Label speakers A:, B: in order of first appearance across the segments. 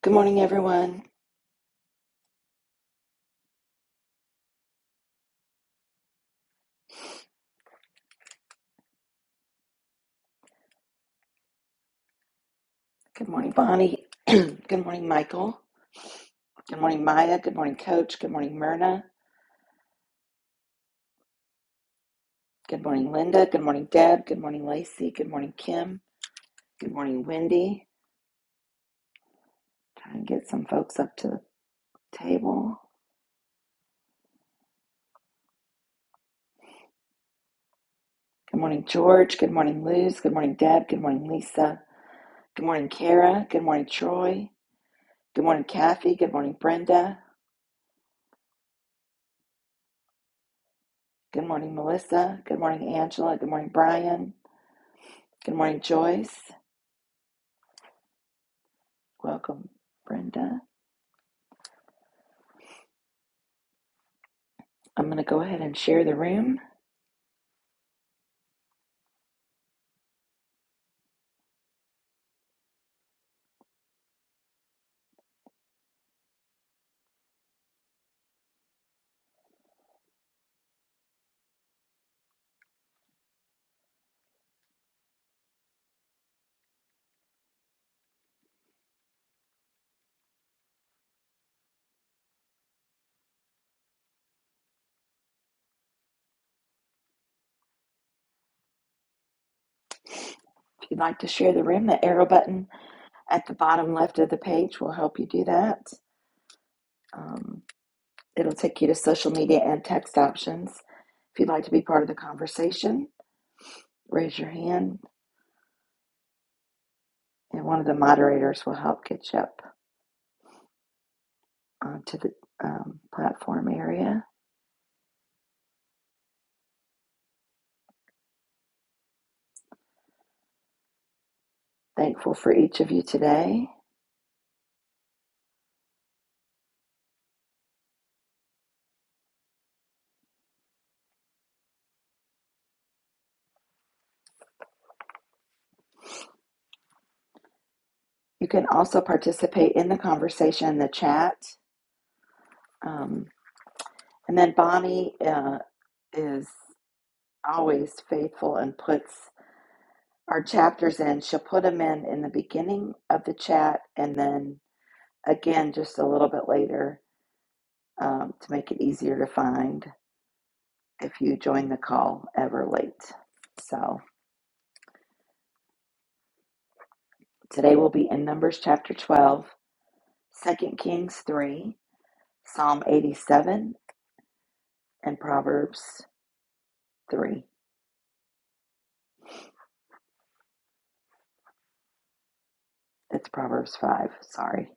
A: Good morning, everyone. Good morning, Bonnie. Good morning, Michael. Good morning, Maya. Good morning, Coach. Good morning, Myrna. Good morning, Linda. Good morning, Deb. Good morning, Lacey. Good morning, Kim. Good morning, Wendy. Try and get some folks up to the table. Good morning, George. Good morning, Luz. Good morning, Deb. Good morning, Lisa. Good morning, Kara. Good morning, Troy. Good morning, Kathy. Good morning, Brenda. Good morning, Melissa. Good morning, Angela. Good morning, Brian. Good morning, Joyce. Welcome, Brenda. I'm going to go ahead and share the room. If you'd like to share the room, the arrow button at the bottom left of the page will help you do that. Um, it'll take you to social media and text options. If you'd like to be part of the conversation, raise your hand, and one of the moderators will help get you up onto the um, platform area. Thankful for each of you today. You can also participate in the conversation in the chat. Um, and then Bonnie uh, is always faithful and puts our chapters in. She'll put them in in the beginning of the chat and then again just a little bit later um, to make it easier to find if you join the call ever late. So today we'll be in Numbers chapter 12, Second Kings 3, Psalm 87, and Proverbs 3. It's Proverbs 5, sorry.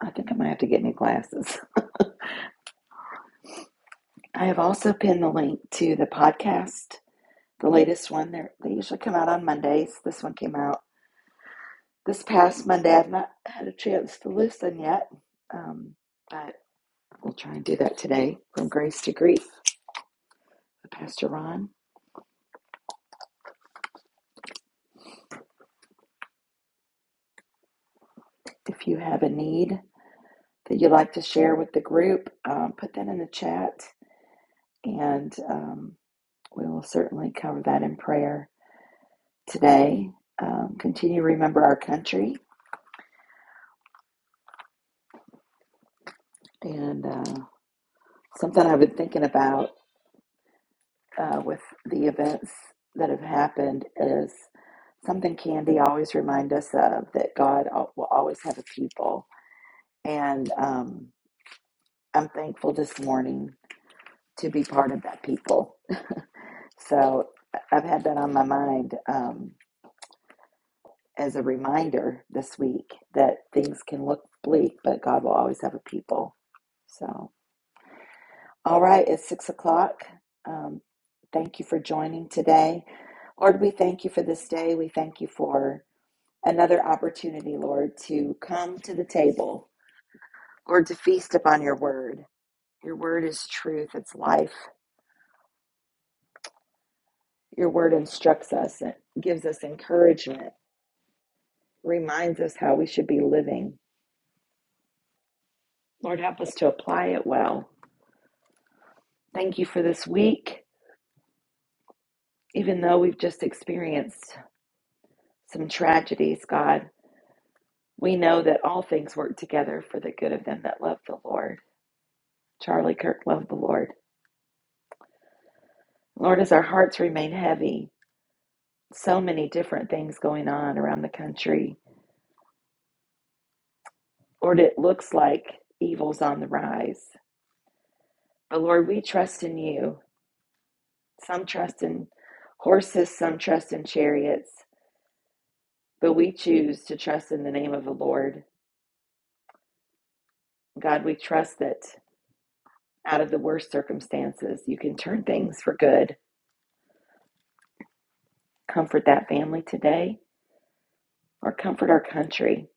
A: I think I might have to get new glasses. I have also pinned the link to the podcast, the latest one. They're, they usually come out on Mondays. This one came out This past Monday, I've not had a chance to listen yet, um, but we'll try and do that today from Grace to Grief. Pastor Ron, if you have a need that you'd like to share with the group, um, put that in the chat and um, we will certainly cover that in prayer today. Um, continue to remember our country and uh, something I've been thinking about uh, with the events that have happened is something Candy always reminds us of that God will always have a people. And um, I'm thankful this morning to be part of that people. So I- I've had that on my mind um, as a reminder this week that things can look bleak, but God will always have a people. So, all right, it's six o'clock. Um, thank you for joining today. Lord, we thank you for this day. We thank you for another opportunity, Lord, to come to the table, Lord, to feast upon your word. Your word is truth, it's life. Your word instructs us, it gives us encouragement, reminds us how we should be living. Lord, help us to apply it well. Thank you for this week. Even though we've just experienced some tragedies, God, we know that all things work together for the good of them that love the Lord. Charlie Kirk loved the Lord. Lord, as our hearts remain heavy, so many different things going on around the country. Lord, it looks like evil's on the rise. But Lord, we trust in you. Some trust in horses, some trust in chariots, but we choose to trust in the name of the Lord. God, we trust that out of the worst circumstances, you can turn things for good. Comfort that family today or comfort our country.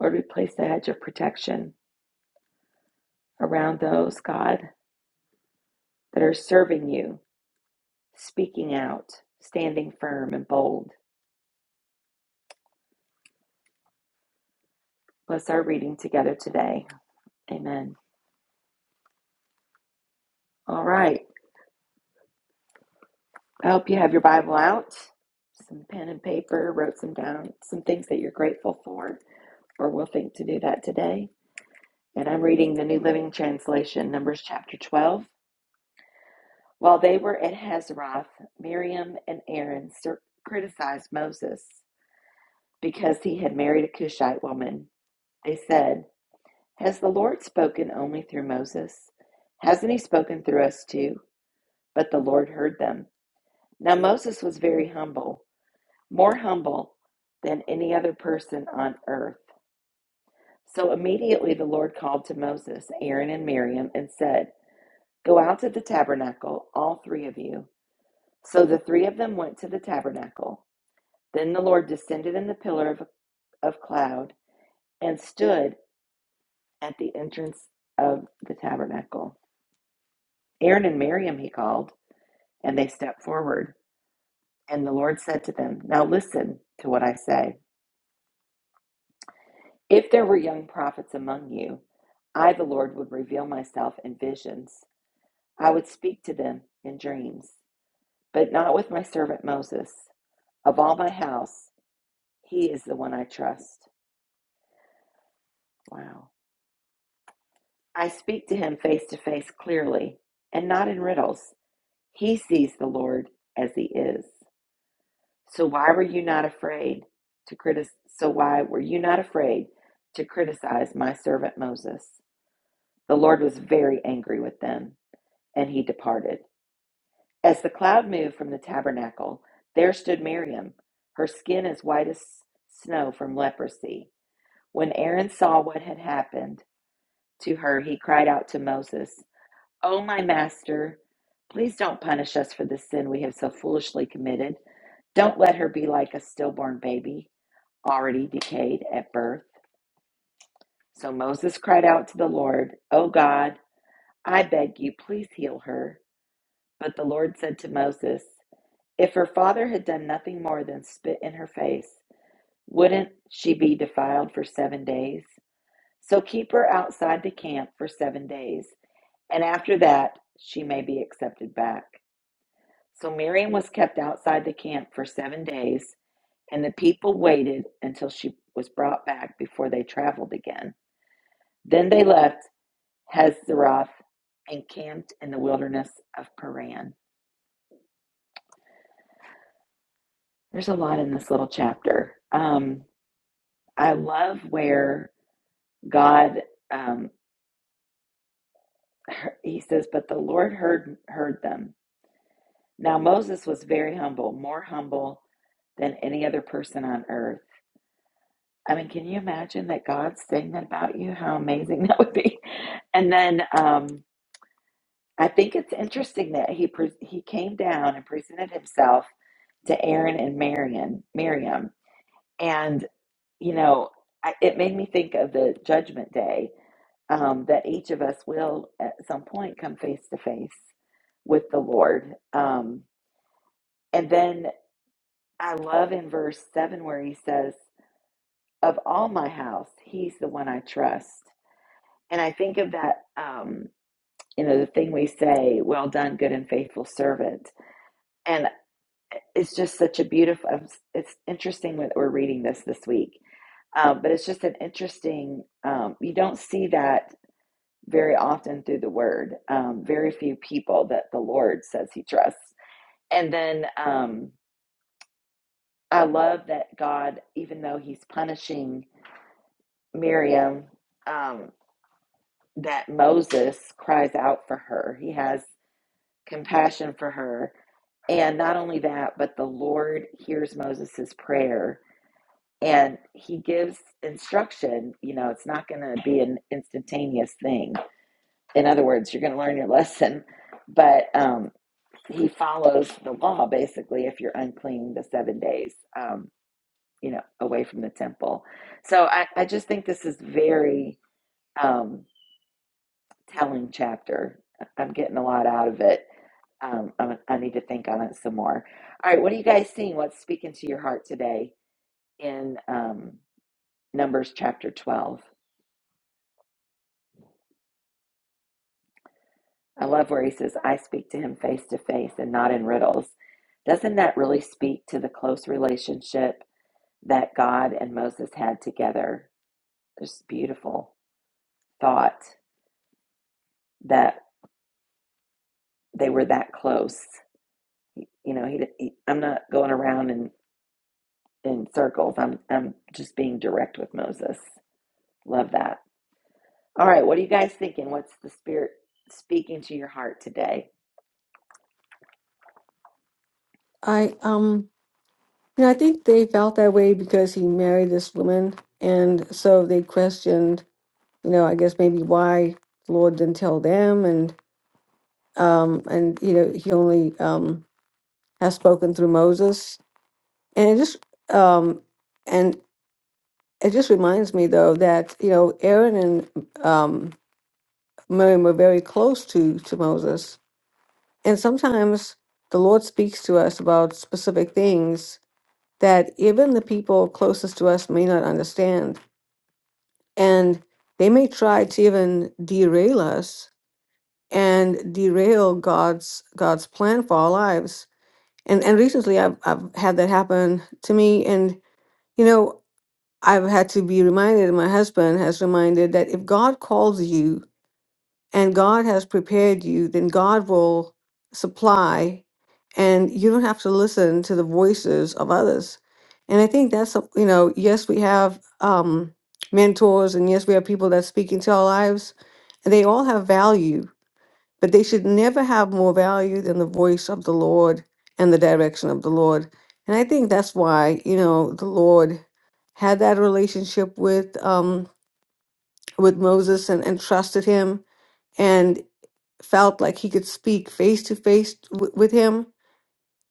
A: Lord, we place the hedge of protection around those, God, that are serving you speaking out, standing firm and bold. Bless our reading together today. Amen. All right. I hope you have your Bible out, some pen and paper, wrote some down, some things that you're grateful for, or will think to do that today. And I'm reading the New Living Translation, Numbers chapter 12. While they were at Hazeroth, Miriam and Aaron criticized Moses because he had married a Cushite woman. They said, Has the Lord spoken only through Moses? Hasn't he spoken through us too? But the Lord heard them. Now Moses was very humble, more humble than any other person on earth. So immediately the Lord called to Moses, Aaron, and Miriam and said, Go out to the tabernacle, all three of you. So the three of them went to the tabernacle. Then the Lord descended in the pillar of, of cloud and stood at the entrance of the tabernacle. Aaron and Miriam he called. And they stepped forward. And the Lord said to them, Now listen to what I say. If there were young prophets among you, I, the Lord, would reveal myself in visions. I would speak to them in dreams, but not with my servant Moses. Of all my house, he is the one I trust. Wow. I speak to him face to face clearly and not in riddles. He sees the Lord as he is. So why were you not afraid to critic so why were you not afraid to criticize my servant Moses? The Lord was very angry with them, and he departed. As the cloud moved from the tabernacle, there stood Miriam, her skin as white as snow from leprosy. When Aaron saw what had happened to her, he cried out to Moses, "Oh my master, please don't punish us for the sin we have so foolishly committed. Don't let her be like a stillborn baby." already decayed at birth. So Moses cried out to the Lord, O God, I beg you, please heal her. But the Lord said to Moses, If her father had done nothing more than spit in her face, wouldn't she be defiled for seven days? So keep her outside the camp for seven days, and after that she may be accepted back. So Miriam was kept outside the camp for seven days, and the people waited until she was brought back before they traveled again. Then they left Hazeroth, and camped in the wilderness of Paran. There's a lot in this little chapter. Um, I love where God, um, he says, but the Lord heard heard them. Now Moses was very humble, more humble than any other person on earth. I mean, can you imagine that God's saying that about you? How amazing that would be! And then um, I think it's interesting that he pre- he came down and presented himself to Aaron and Marion, Miriam. And, you know, I, it made me think of the judgment day um, that each of us will at some point come face to face with the Lord. Um, and then I love in verse 7 where he says, Of all my house, he's the one I trust. And I think of that, um, you know, the thing we say, Well done, good and faithful servant. And it's just such a beautiful, it's interesting that we're reading this this week Um, but it's just an interesting, um, you don't see that very often through the word. Um, very few people that the Lord says he trusts. And then um, I love that God, even though he's punishing Miriam, um, that Moses cries out for her. He has compassion for her. And not only that, but the Lord hears Moses's prayer and he gives instruction. You know, it's not going to be an instantaneous thing in other words, you're going to learn your lesson. But um, he follows the law basically if you're unclean the seven days, um, you know, away from the temple. So I, I just think this is very um, telling chapter. I'm getting a lot out of it. Um, I, I need to think on it some more. All right, what are you guys seeing? What's speaking to your heart today in um, Numbers chapter 12? I love where he says, I speak to him face to face and not in riddles. Doesn't that really speak to the close relationship that God and Moses had together? Just beautiful thought that they were that close. You know, he, he I'm not going around in, in circles. I'm I'm just being direct with Moses. Love that. All right, what are you guys thinking? What's the spirit speaking to your heart today?
B: I um you know, I think they felt that way because he married this woman and so they questioned, you know, I guess maybe why the Lord didn't tell them and um and you know, he only um has spoken through Moses. And it just um and it just reminds me though that, you know, Aaron and um Miriam were very close to to Moses. And sometimes the Lord speaks to us about specific things that even the people closest to us may not understand. And they may try to even derail us and derail God's God's plan for our lives. And and recently I've I've had that happen to me. And you know, I've had to be reminded, and my husband has reminded that if God calls you and God has prepared you, then God will supply, and you don't have to listen to the voices of others. And I think that's some- you know, yes, we have um, mentors, and yes, we have people that speak into our lives, and they all have value, but they should never have more value than the voice of the Lord and the direction of the Lord. And I think that's why you know the Lord had that relationship with um, with Moses and, and trusted him felt like he could speak face to face w- with him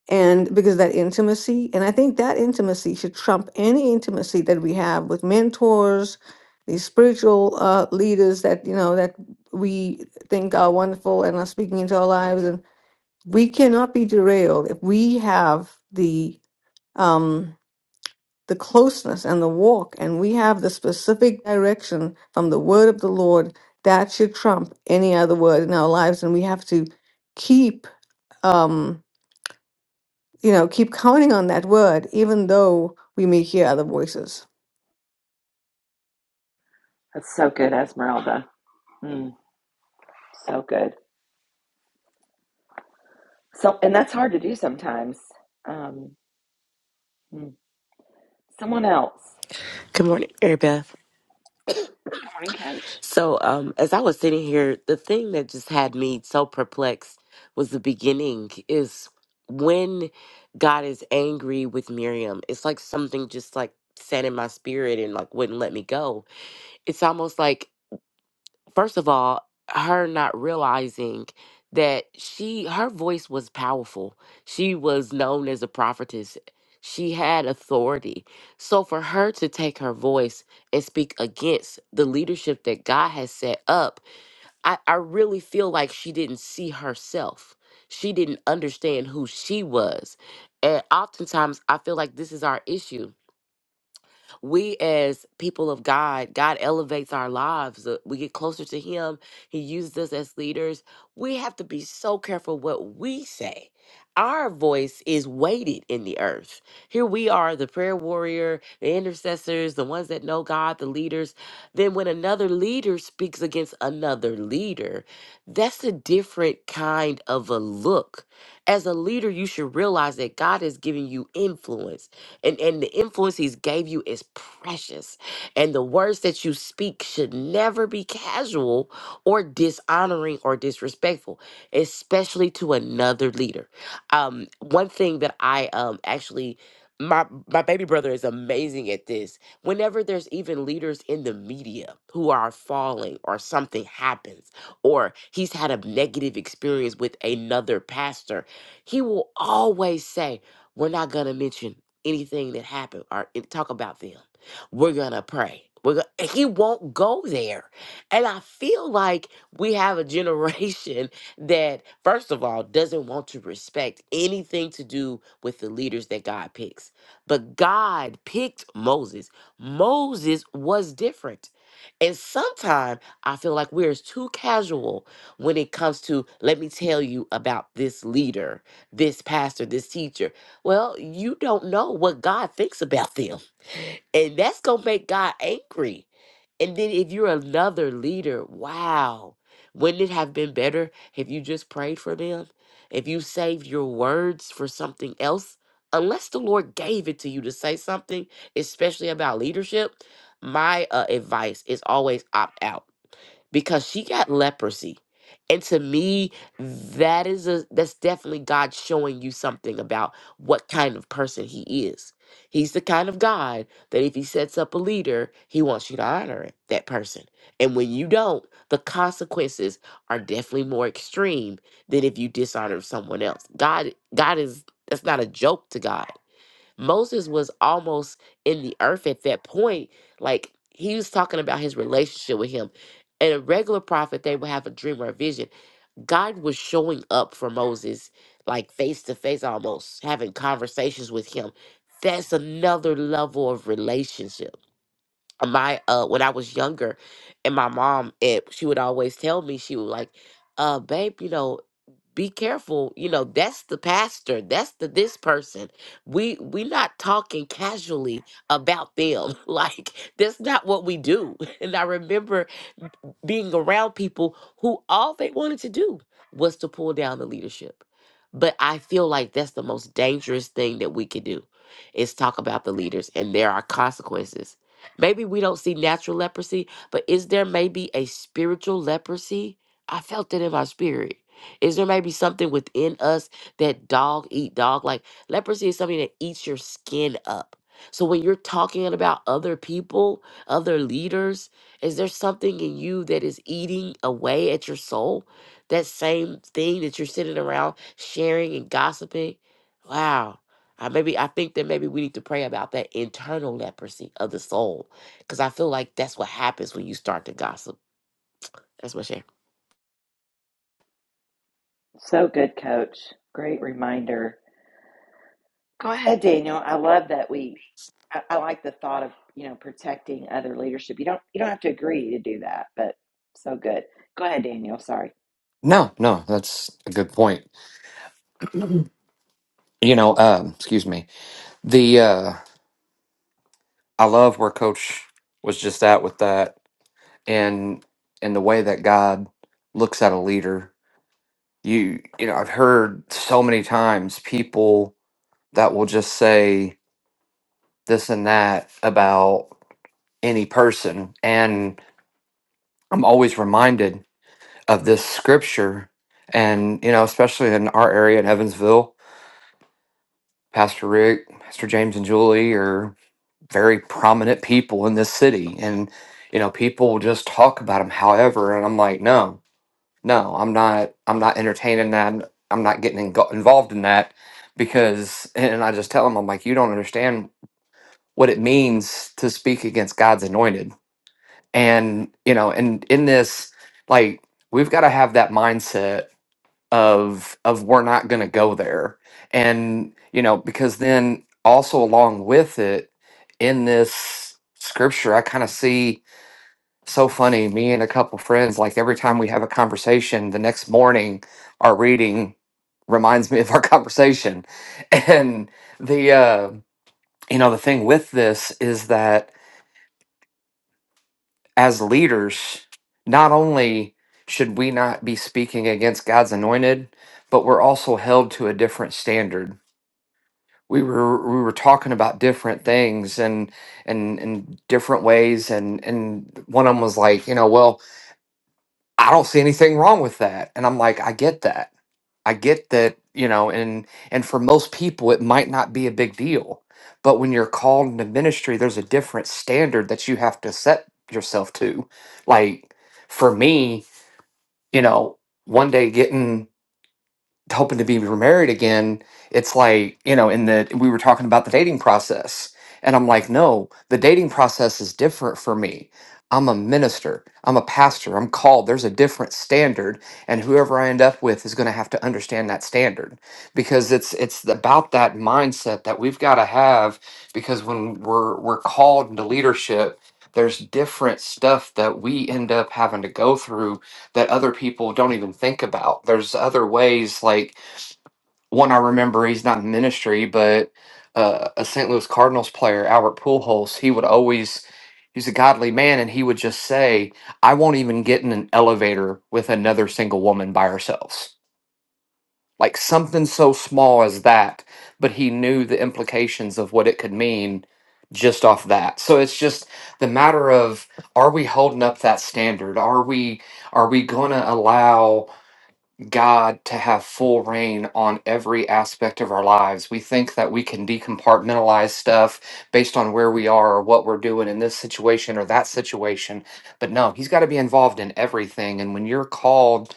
B: and because of that intimacy and i think that intimacy should trump any intimacy that we have with mentors these spiritual uh, leaders that you know that we think are wonderful and are speaking into our lives and we cannot be derailed if we have the um the closeness and the walk and we have the specific direction from the word of the lord that should trump any other word in our lives and we have to keep um, you know, keep counting on that word, even though we may hear other voices.
A: That's so good, Esmeralda. Mm, so good. So, and that's hard to do sometimes. Um, hmm. someone else.
C: Good morning, Mary Beth.
A: Good morning, Coach.
C: So, um, as I was sitting here, the thing that just had me so perplexed was the beginning is when God is angry with Miriam. It's like something just like sat in my spirit and like wouldn't let me go. It's almost like first of all, her not realizing that she her voice was powerful. She was known as a prophetess. She had authority. So for her to take her voice and speak against the leadership that God has set up, I, I really feel like she didn't see herself. She didn't understand who she was. And oftentimes I feel like this is our issue we as people of God, God elevates our lives. uh, We get closer to Him. He uses us as leaders. We have to be so careful what we say. Our voice is weighted in the earth. Here we are, the prayer warrior, the intercessors, the ones that know God, the leaders. Then, when another leader speaks against another leader, that's a different kind of a look. As a leader, you should realize that God is giving you influence and and the influence he's gave you is precious and the words that you speak should never be casual or dishonoring or disrespectful especially to another leader um one thing that i um actually my my baby brother is amazing at this whenever there's even leaders in the media who are falling or something happens or he's had a negative experience with another pastor he will always say we're not going to mention anything that happened or it- talk about them. We're gonna pray. We're gonna, and he won't go there. And I feel like we have a generation that, first of all, doesn't want to respect anything to do with the leaders that God picks. But God picked Moses. Moses was different. And sometimes I feel like we're too casual when it comes to, let me tell you about this leader, this pastor, this teacher well, you don't know what God thinks about them. And that's going to make God angry. And then if you're another leader, wow, wouldn't it have been better if you just prayed for them? If you saved your words for something else? Unless the Lord gave it to you to say something, especially about leadership, my uh, advice is always opt out because she got leprosy. And to me, that is a that's definitely God showing you something about what kind of person he is. He's the kind of God that if he sets up a leader, he wants you to honor it, that person. And when you don't, the consequences are definitely more extreme than if you dishonor someone else. God God is that's not a joke to God. Moses was almost in the earth at that point. Like he was talking about his relationship with him. And a regular prophet, they would have a dream or a vision. God was showing up for Moses, like face to face almost, having conversations with him. That's another level of relationship my uh when I was younger and my mom it she would always tell me she would like uh babe you know be careful you know that's the pastor that's the this person we we not talking casually about them like that's not what we do and I remember being around people who all they wanted to do was to pull down the leadership. But I feel like that's the most dangerous thing that we could do is talk about the leaders and there are consequences. Maybe we don't see natural leprosy, but is there maybe a spiritual leprosy? I felt it in my spirit. Is there maybe something within us that dog eat dog? Like leprosy is something that eats your skin up. So when you're talking about other people, other leaders, is there something in you that is eating away at your soul? That same thing that you're sitting around sharing and gossiping? Wow. I maybe I think that maybe we need to pray about that internal leprosy of the soul. Cause I feel like that's what happens when you start to gossip. That's my share.
A: So good, coach. Great reminder. Go Hey, ahead. Daniel, I love that we, I, I like the thought of, you know, protecting other leadership. You don't, you don't have to agree to do that, but so good. Go ahead, Daniel. Sorry.
D: No, no, that's a good point. You know, um, excuse me. The uh I love where coach was just at with that and and the way that God looks at a leader. You you know, I've heard so many times people that will just say this and that about any person and I'm always reminded of this scripture and you know, especially in our area in Evansville, Pastor Rick, Pastor James and Julie very prominent people in this city and you know people just talk about them however and i'm like no no i'm not i'm not entertaining that i'm not getting ingo- involved in that because and i just tell them i'm like you don't understand what it means to speak against god's anointed and you know and in this like we've got to have that mindset of of we're not going to go there and you know because then also along with it in this scripture i kind of see so funny me and a couple friends like every time we have a conversation the next morning our reading reminds me of our conversation and the uh you know the thing with this is that as leaders not only should we not be speaking against god's anointed but we're also held to a different standard we were we were talking about different things and and and different ways and and one of them was like you know well i don't see anything wrong with that and i'm like i get that i get that you know and and for most people it might not be a big deal but when you're called into ministry there's a different standard that you have to set yourself to like for me you know one day getting hoping to be remarried again, it's like, you know, in the we were talking about the dating process. And I'm like, no, the dating process is different for me. I'm a minister. I'm a pastor. I'm called. There's a different standard, and whoever I end up with is going to have to understand that standard because it's it's about that mindset that we've got to have because when we're we're called into leadership, there's different stuff that we end up having to go through that other people don't even think about. There's other ways, like one I remember, he's not in ministry, but uh, a St. Louis Cardinals player, Albert Pujols, he would always, he's a godly man, and he would just say, I won't even get in an elevator with another single woman by ourselves. Like something so small as that, but he knew the implications of what it could mean just off that. So it's just the matter of are we holding up that standard? Are we are we going to allow God to have full reign on every aspect of our lives. We think that we can decompartmentalize stuff based on where we are or what we're doing in this situation or that situation. But no, He's got to be involved in everything. And when you're called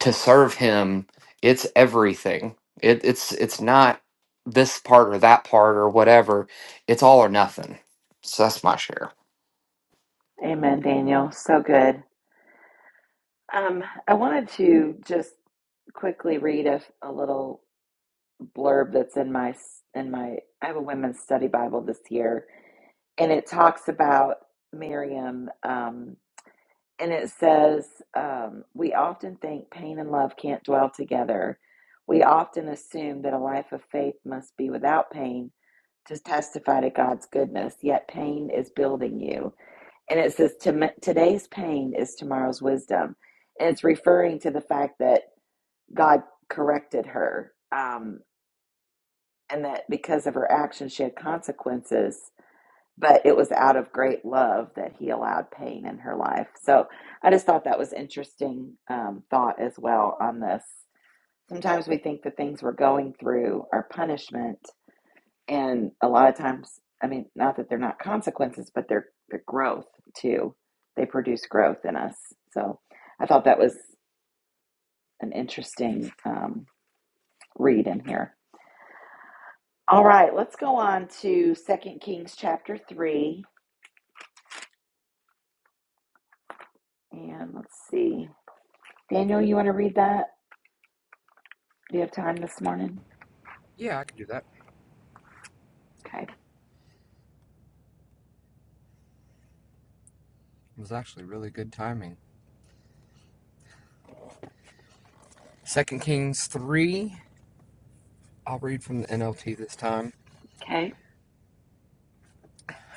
D: to serve Him, it's everything. It, it's it's not this part or that part or whatever. It's all or nothing. So that's my share.
A: Amen, Daniel. So good. Um, I wanted to just quickly read a, a little blurb that's in my, in my, I have a women's study Bible this year and it talks about Miriam, um, and it says, um, We often think pain and love can't dwell together. We often assume that a life of faith must be without pain to testify to God's goodness, yet pain is building you. And it says, "Tom- Today's pain is tomorrow's wisdom. And it's referring to the fact that God corrected her um, and that because of her actions, she had consequences but it was out of great love that he allowed pain in her life. So I just thought that was interesting um, thought as well on this. Sometimes we think the things we're going through are punishment, and a lot of times, I mean, not that they're not consequences, but they're they're growth too. They produce growth in us. So I thought that was an interesting um, read in here. All right, let's go on to Second Kings chapter three, and let's see. Daniel, you want to read that? Do you have time this morning?
D: Yeah, I can do that.
A: Okay.
D: It was actually really good timing. Second Kings 3. I'll read from the NLT this time.
A: Okay.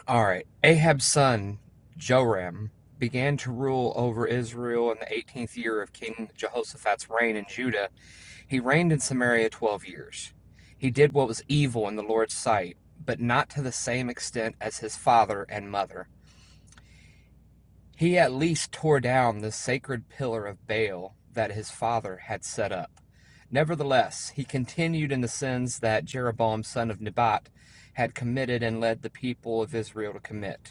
D: All right. Ahab's son, Joram, began to rule over Israel in the 18th year of King Jehoshaphat's reign in Judah. He reigned in Samaria 12 years. He did what was evil in the Lord's sight, but not to the same extent as his father and mother. He at least tore down the sacred pillar of Baal that his father had set up. Nevertheless, he continued in the sins that Jeroboam, son of Nebat, had committed and led the people of Israel to commit.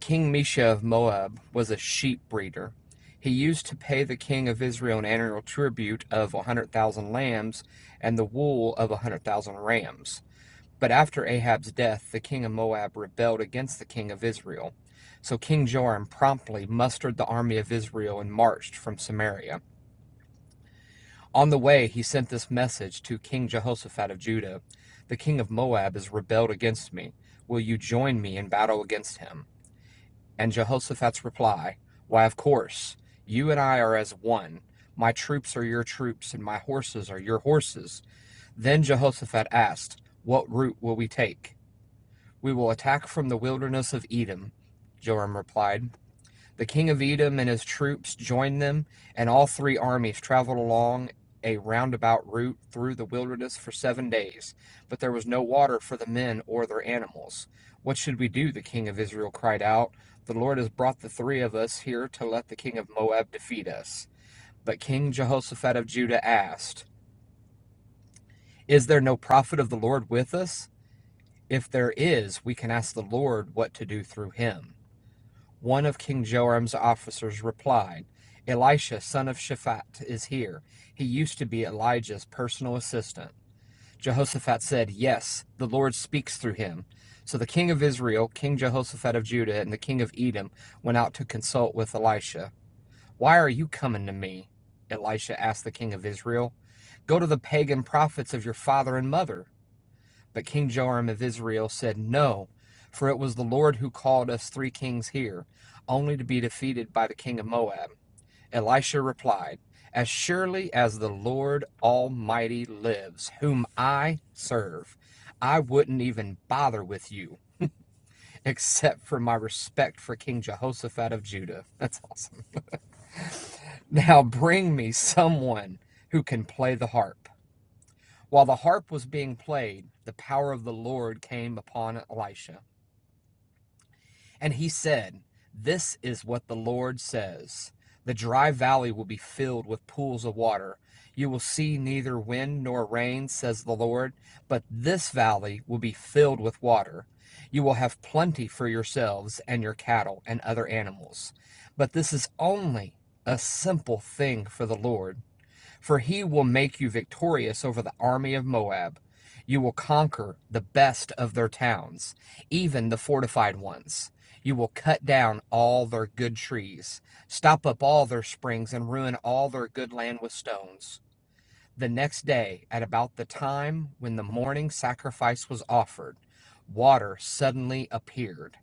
D: King Mesha of Moab was a sheep breeder. He used to pay the king of Israel an annual tribute of 100,000 lambs and the wool of 100,000 rams. But after Ahab's death, the king of Moab rebelled against the king of Israel. So King Joram promptly mustered the army of Israel and marched from Samaria. On the way, he sent this message to King Jehoshaphat of Judah The king of Moab has rebelled against me. Will you join me in battle against him? And Jehoshaphat's reply, Why, of course, you and I are as one. My troops are your troops, and my horses are your horses. Then Jehoshaphat asked, What route will we take? We will attack from the wilderness of Edom. Joram replied, the king of Edom and his troops joined them, and all three armies traveled along a roundabout route through the wilderness for seven days. But there was no water for the men or their animals. What should we do? The king of Israel cried out. The Lord has brought the three of us here to let the king of Moab defeat us. But King Jehoshaphat of Judah asked, Is there no prophet of the Lord with us? If there is, we can ask the Lord what to do through him. One of King Joram's officers replied, Elisha, son of Shaphat, is here. He used to be Elijah's personal assistant. Jehoshaphat said, Yes, the Lord speaks through him. So the king of Israel, King Jehoshaphat of Judah, and the king of Edom went out to consult with Elisha. Why are you coming to me? Elisha asked the king of Israel. Go to the pagan prophets of your father and mother. But King Joram of Israel said, No, for it was the Lord who called us three kings here, only to be defeated by the king of Moab. Elisha replied, As surely as the Lord Almighty lives, whom I serve, I wouldn't even bother with you, except for my respect for King Jehoshaphat of Judah. That's awesome. Now bring me someone who can play the harp. While the harp was being played, the power of the Lord came upon Elisha. And he said, This is what the Lord says The dry valley will be filled with pools of water. You will see neither wind nor rain, says the Lord, but this valley will be filled with water. You will have plenty for yourselves and your cattle and other animals. But this is only a simple thing for the Lord for he will make you victorious over the army of Moab. You will conquer the best of their towns, even the fortified ones. You will cut down all their good trees, stop up all their springs, and ruin all their good land with stones. The next day, at about the time when the morning sacrifice was offered, water suddenly appeared.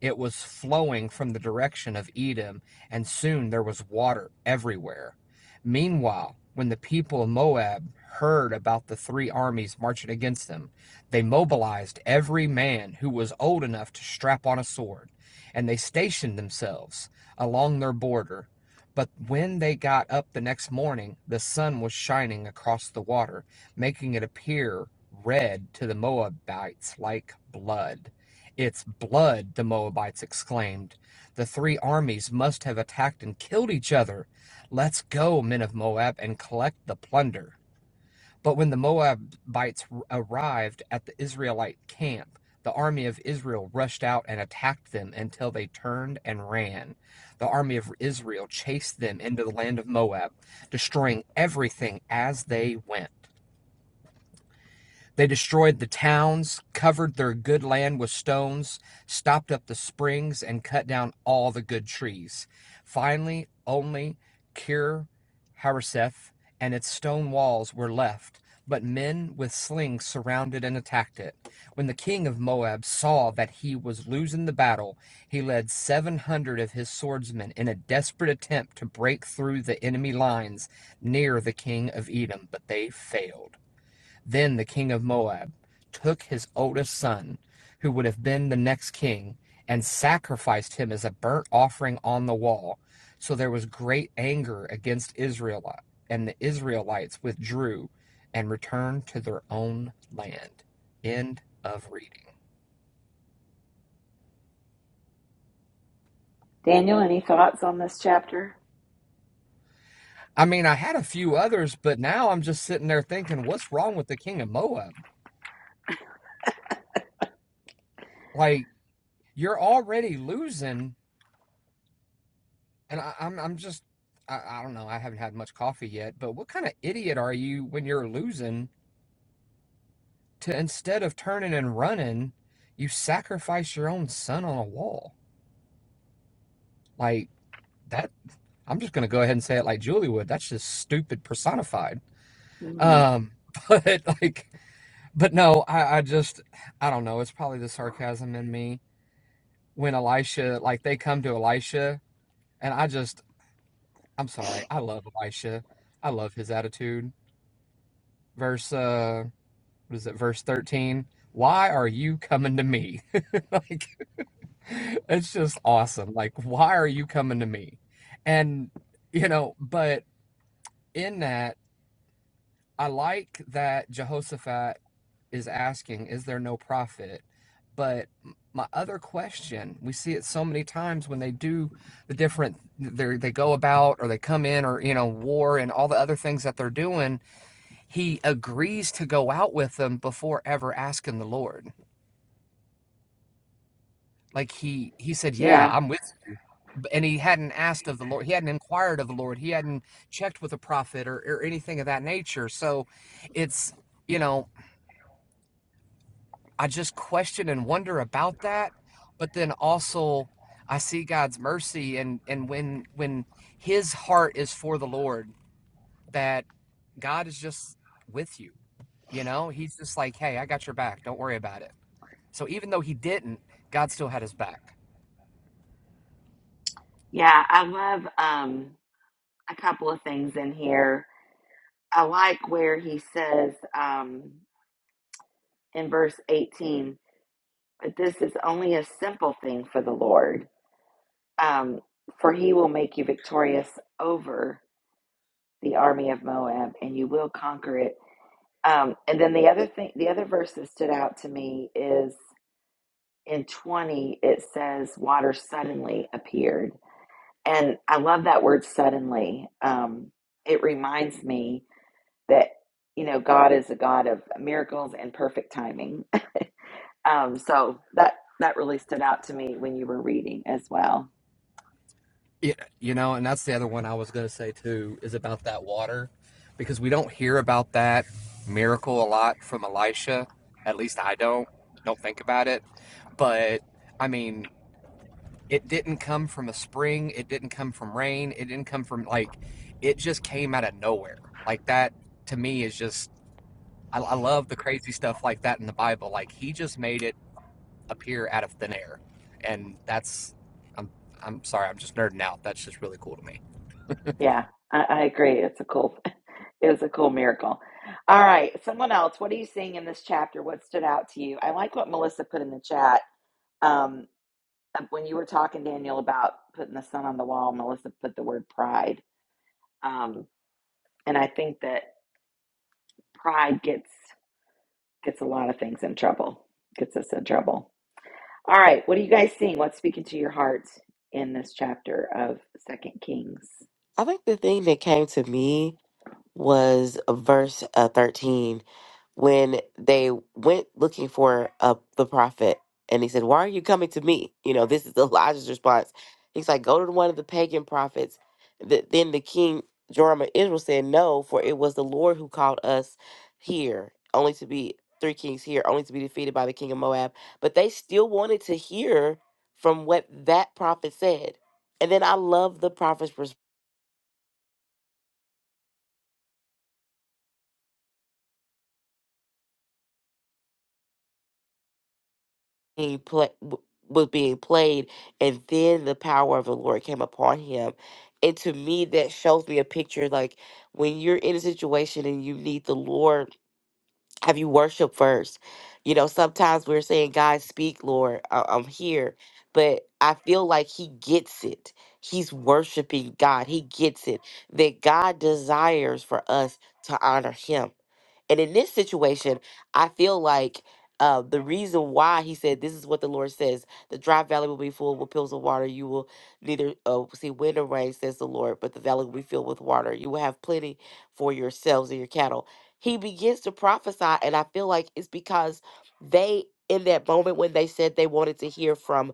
D: It was flowing from the direction of Edom, and soon there was water everywhere. Meanwhile, when the people of Moab heard about the three armies marching against them, they mobilized every man who was old enough to strap on a sword, and they stationed themselves along their border but when they got up the next morning, the sun was shining across the water, making it appear red to the Moabites like blood. It's blood, the Moabites exclaimed. The three armies must have attacked and killed each other. Let's go, men of Moab, and collect the plunder. But when the Moabites arrived at the Israelite camp, the army of Israel rushed out and attacked them until they turned and ran. The army of Israel chased them into the land of Moab, destroying everything as they went. They destroyed the towns, covered their good land with stones, stopped up the springs, and cut down all the good trees. Finally, only Kir Hareseth and its stone walls were left, but men with slings surrounded and attacked it. When the king of Moab saw that he was losing the battle, he led 700 of his swordsmen in a desperate attempt to break through the enemy lines near the king of Edom, but they failed. Then the king of Moab took his oldest son, who would have been the next king, and sacrificed him as a burnt offering on the wall. So there was great anger against Israel, and the Israelites withdrew and returned to their own land. End of reading.
A: Daniel, any thoughts on this chapter?
D: I mean, I had a few others, but now I'm just sitting there thinking, what's wrong with the king of Moab? Like, you're already losing And I, I'm I'm just I, I don't know. I haven't had much coffee yet, but what kind of idiot are you when you're losing to instead of turning and running, you sacrifice your own son on a wall? Like that I'm just gonna go ahead and say it like Julie would. That's just stupid personified.
A: Hmm.
D: Um but like but no, I, I just I don't know, it's probably the sarcasm in me when Elisha like they come to Elisha and I just I'm sorry, I love Elisha. I love his attitude. Verse uh what is it, verse 13? Why are you coming to me? like, it's just awesome. Like, why are you coming to me? And, you know, but in that, I like that Jehoshaphat is asking, is there no prophet? But my other question, we see it so many times when they do the different, they they go about or they come in or, you know, war and all the other things that they're doing. He agrees to go out with them before ever asking the Lord like he he said yeah
A: Yeah.
D: i'm with you and he hadn't asked of the lord he hadn't inquired of the lord he hadn't checked with a prophet or, or anything of that nature so it's you know i just question and wonder about that but then also i see god's mercy and and when when his heart is for the lord that god is just with you you know he's just like hey i got your back don't worry about it so even though he didn't god still had his back
A: Yeah. I love um, a couple of things in here. I like where he says um, in verse 18, but this is only a simple thing for the Lord, um, for he will make you victorious over the army of Moab and you will conquer it. Um, and then the other thing, the other verse that stood out to me is in 20 it says water suddenly appeared and i love that word suddenly um, it reminds me that you know god is a god of miracles and perfect timing um, so that that really stood out to me when you were reading as well
D: Yeah, you know, and that's the other one I was going to say too is about that water because we don't hear about that miracle a lot from Elisha. At least I don't. Don't think about it. But I mean, it didn't come from a spring, it didn't come from rain, it didn't come from like it just came out of nowhere. Like that to me is just I, I love the crazy stuff like that in the Bible. Like he just made it appear out of thin air. And that's I'm I'm sorry, I'm just nerding out. That's just really cool to me.
A: yeah I, I agree it's a cool it's a cool miracle all right someone else what are you seeing in this chapter what stood out to you i like what melissa put in the chat Um, uh, when you were talking, Daniel, about putting the sun on the wall, Melissa put the word pride. Um, and I think that pride gets gets a lot of things in trouble, gets us in trouble. All right, what are you guys seeing? What's speaking to your heart in this chapter of Second Kings?
C: I think the thing that came to me was verse uh, 13 when they went looking for uh, the prophet and he said why are you coming to me you know this is elijah's response he's like go to one of the pagan prophets Th- then the king joram of israel said no for it was the lord who called us here only to be three kings here only to be defeated by the king of moab but they still wanted to hear from what that prophet said and then i love the prophet's being play, w- was being played, and then the power of the Lord came upon him. And to me, that shows me a picture like when you're in a situation and you need the Lord, have you worship first? You know, sometimes we're saying, God, speak, Lord, I- I'm here. But I feel like he gets it. He's worshiping God. He gets it that God desires for us to honor him. And in this situation, I feel like uh, the reason why he said, This is what the Lord says the dry valley will be full with pools of water. You will neither uh, see wind or rain, says the Lord, but the valley will be filled with water. You will have plenty for yourselves and your cattle. He begins to prophesy, and I feel like it's because they, in that moment when they said they wanted to hear from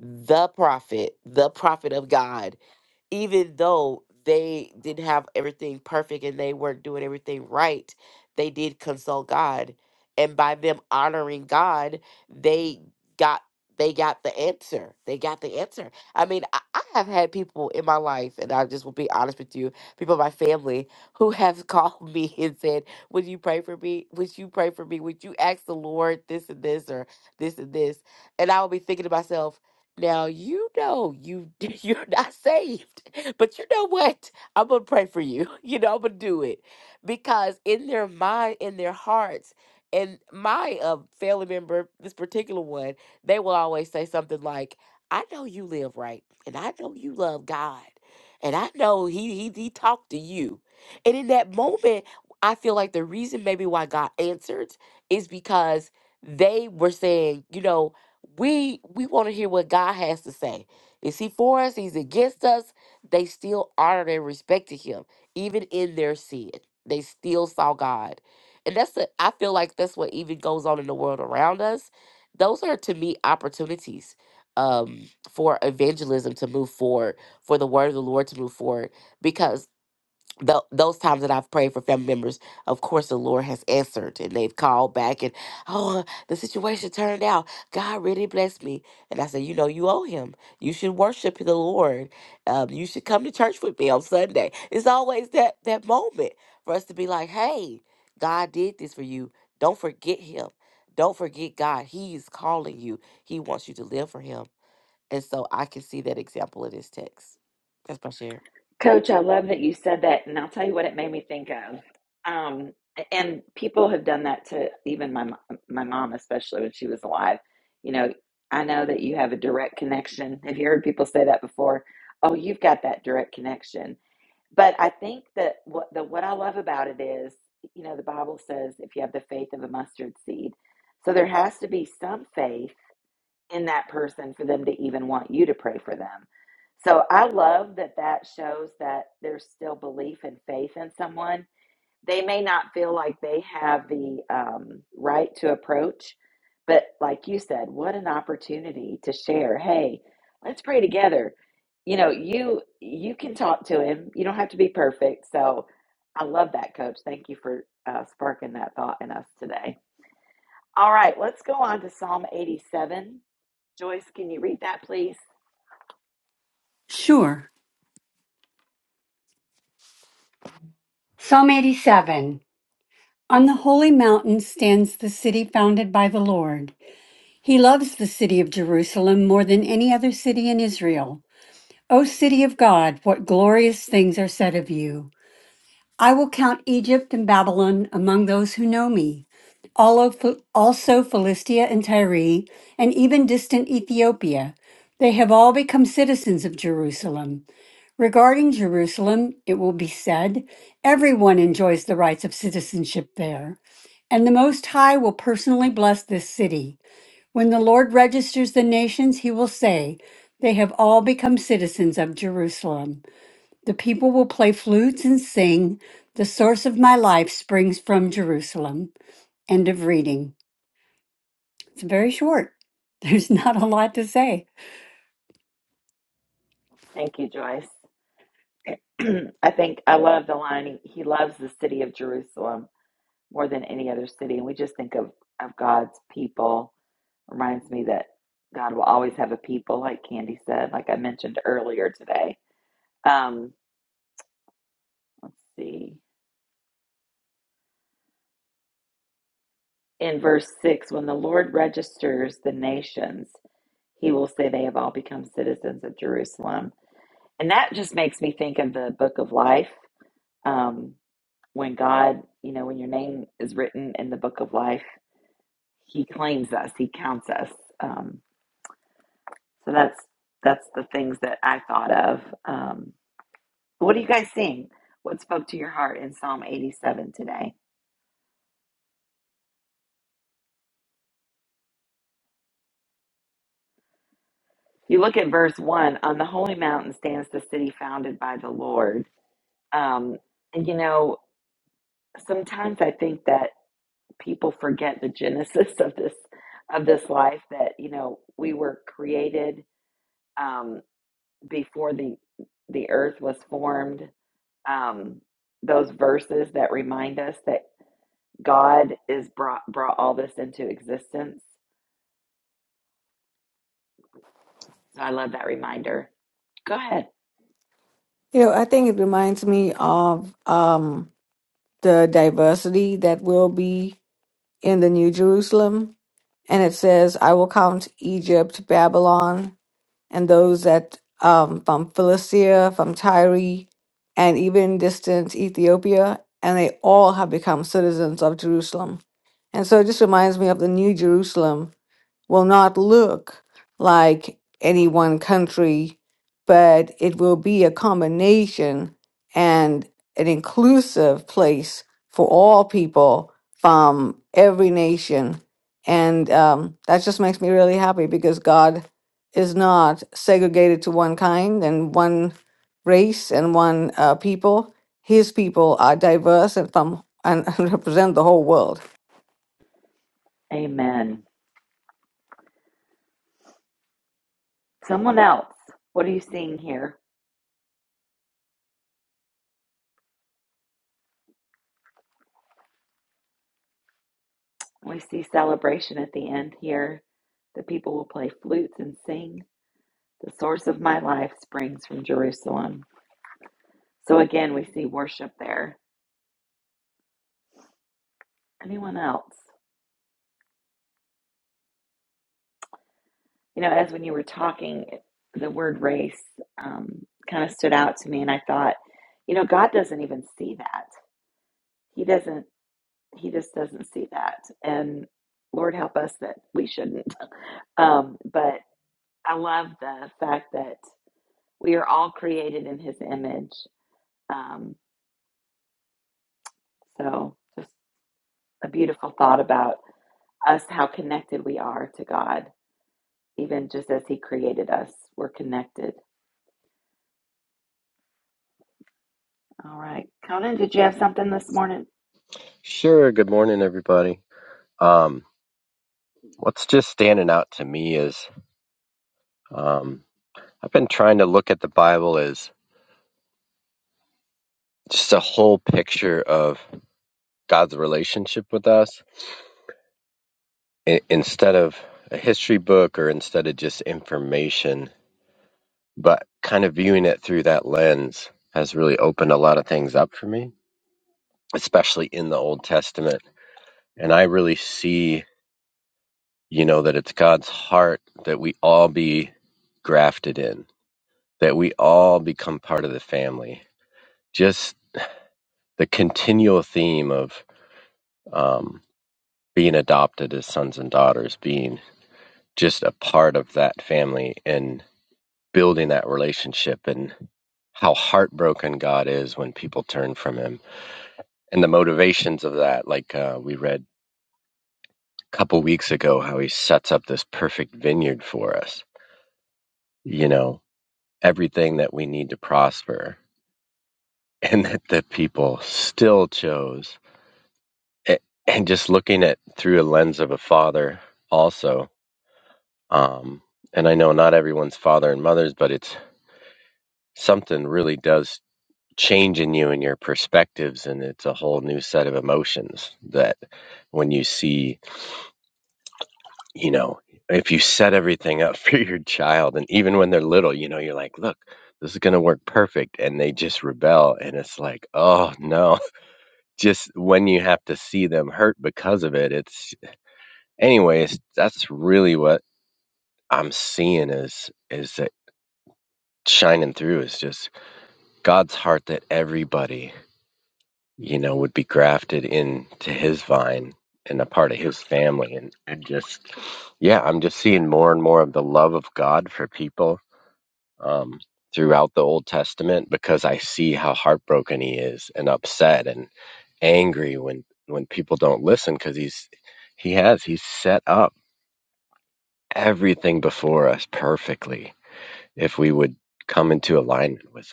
C: the prophet, the prophet of God, even though they didn't have everything perfect and they weren't doing everything right, they did consult God. And by them honoring God, they got they got the answer. They got the answer. I mean, I, I have had people in my life, and I just will be honest with you, people in my family who have called me and said, Would you pray for me? Would you pray for me? Would you ask the Lord this and this or this and this? And I will be thinking to myself, now you know you you're not saved, but you know what? I'm gonna pray for you. You know I'm gonna do it because in their mind, in their hearts, and my uh, family member, this particular one, they will always say something like, "I know you live right, and I know you love God, and I know He He He talked to you." And in that moment, I feel like the reason maybe why God answered is because they were saying, you know we we want to hear what God has to say. Is he for us? He's against us. They still honored and respected him, even in their sin. They still saw God, and that's the. I feel like that's what even goes on in the world around us. Those are to me opportunities um, for evangelism to move forward, for the word of the Lord to move forward, because tho- those times that I've prayed for family members, of course, the Lord has answered and they've called back and, oh, the situation turned out. God really blessed me. And I said, you know, you owe him. You should worship the Lord. Um, you should come to church with me on Sunday. It's always that, that moment for us to be like, hey, God did this for you. Don't forget him. Don't forget God. He is calling you. He wants you to live for him. And so I can see that example in this text. That's my share.
A: Coach, I love that you said that, and I'll tell you what it made me think of. Um, and people have done that to even my mo- my mom, especially when she was alive. You know, I know that you have a direct connection. Have you heard people say that before? Oh, you've got that direct connection. But I think that what the what I love about it is, you know, the Bible says if you have the faith of a mustard seed, so there has to be some faith in that person for them to even want you to pray for them. So I love that that shows that there's still belief and faith in someone. They may not feel like they have the um, right to approach, but like you said, what an opportunity to share. Hey, let's pray together. You know, you you can talk to him. You don't have to be perfect. So I love that, Coach. Thank you for uh, sparking that thought in us today. All right, let's go on to Psalm 87. Joyce, can you read that, please?
E: Sure. Psalm 87. On the holy mountain stands the city founded by the Lord. He loves the city of Jerusalem more than any other city in Israel. O city of God, what glorious things are said of you. I will count Egypt and Babylon among those who know me. All of- Also Philistia and Tyre, and even distant Ethiopia. They have all become citizens of Jerusalem. Regarding Jerusalem, it will be said, everyone enjoys the rights of citizenship there, and the Most High will personally bless this city. When the Lord registers the nations, he will say, They have all become citizens of Jerusalem. The people will play flutes and sing, The source of my life springs from Jerusalem. End of reading. It's very short. There's not a lot to say.
A: Thank you, Joyce. I think I love the line. He, he loves the city of Jerusalem more than any other city. And we just think of, of God's people. Reminds me that God will always have a people, like Candy said, like I mentioned earlier today. Um, let's see. In verse 6, when the Lord registers the nations, he will say they have all become citizens of Jerusalem. And that just makes me think of the book of life. Um, when God, you know, when your name is written in the book of life, He claims us, He counts us. Um, so that's that's the things that I thought of. Um, what are you guys seeing? What spoke to your heart in Psalm 87 today? You look at verse one. On the holy mountain stands the city founded by the Lord. Um, and you know, sometimes I think that people forget the genesis of this of this life. That you know, we were created. Um, before the the earth was formed um those verses that remind us that god is brought brought all this into existence so i love that reminder go ahead
B: You know, I think it reminds me of um, the diversity that will be in the New Jerusalem. And it says, I will count Egypt, Babylon, and those that um, from Philistia, from Tyre, and even distant Ethiopia, and they all have become citizens of Jerusalem. And so it just reminds me of the New Jerusalem will not look like any one country, but it will be a combination and an inclusive place for all people from every nation. And um, that just makes me really happy because God is not segregated to one kind and one race and one uh, people. His people are diverse and from and, and represent the whole world.
A: amen someone else what are you seeing here we see celebration at the end here the people will play flutes and sing the source of my life springs from jerusalem so again we see worship there anyone else You know, as when you were talking, the word race um, kind of stood out to me, and I thought, you know, God doesn't even see that. He doesn't. He just doesn't see that. And Lord help us that we shouldn't. Um, but I love the fact that we are all created in His image. Um, so, just a beautiful thought about us, how connected we are to God, even just as He created us. We're connected. All right, Conan, did you have something this morning?
F: Sure. Good morning, everybody. Um, what's just standing out to me is um, I've been trying to look at the Bible as just a whole picture of God's relationship with us I- instead of a history book or instead of just information, but kind of viewing it through that lens has really opened a lot of things up for me, especially in the Old Testament. And I really see, you know, that it's God's heart that we all be grafted in that we all become part of the family. Just the continual theme of um, being adopted as sons and daughters, being just a part of that family and building that relationship, and how heartbroken God is when people turn from Him, and the motivations of that. Like uh, we read a couple weeks ago, how He sets up this perfect vineyard for us. You know, everything that we need to prosper, and that the people still chose a- and just looking at through a lens of a father also um and i know not everyone's father and mothers but it's something really does change in you and your perspectives and it's a whole new set of emotions that when you see you know if you set everything up for your child and even when they're little you know you're like look this is going to work perfect and they just rebel and it's like oh no just when you have to see them hurt because of it it's anyways that's really what I'm seeing is is that shining through is just God's heart that everybody, you know, would be grafted into his vine and a part of his family and, and just yeah, I'm just seeing more and more of the love of God for people um throughout the Old Testament because I see how heartbroken he is and upset and angry when when people don't listen cuz he's he has he's set up everything before us perfectly if we would come into alignment with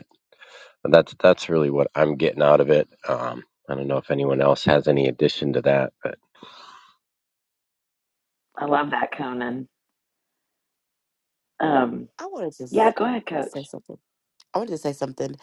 F: But that's that's really what I'm getting out of it. Um, I don't know if anyone else has any addition to that, but.
A: I love that, Conan. Um,
C: I wanted to
A: yeah,
C: s-
A: go ahead, Coach.
C: say something. I wanted to say something.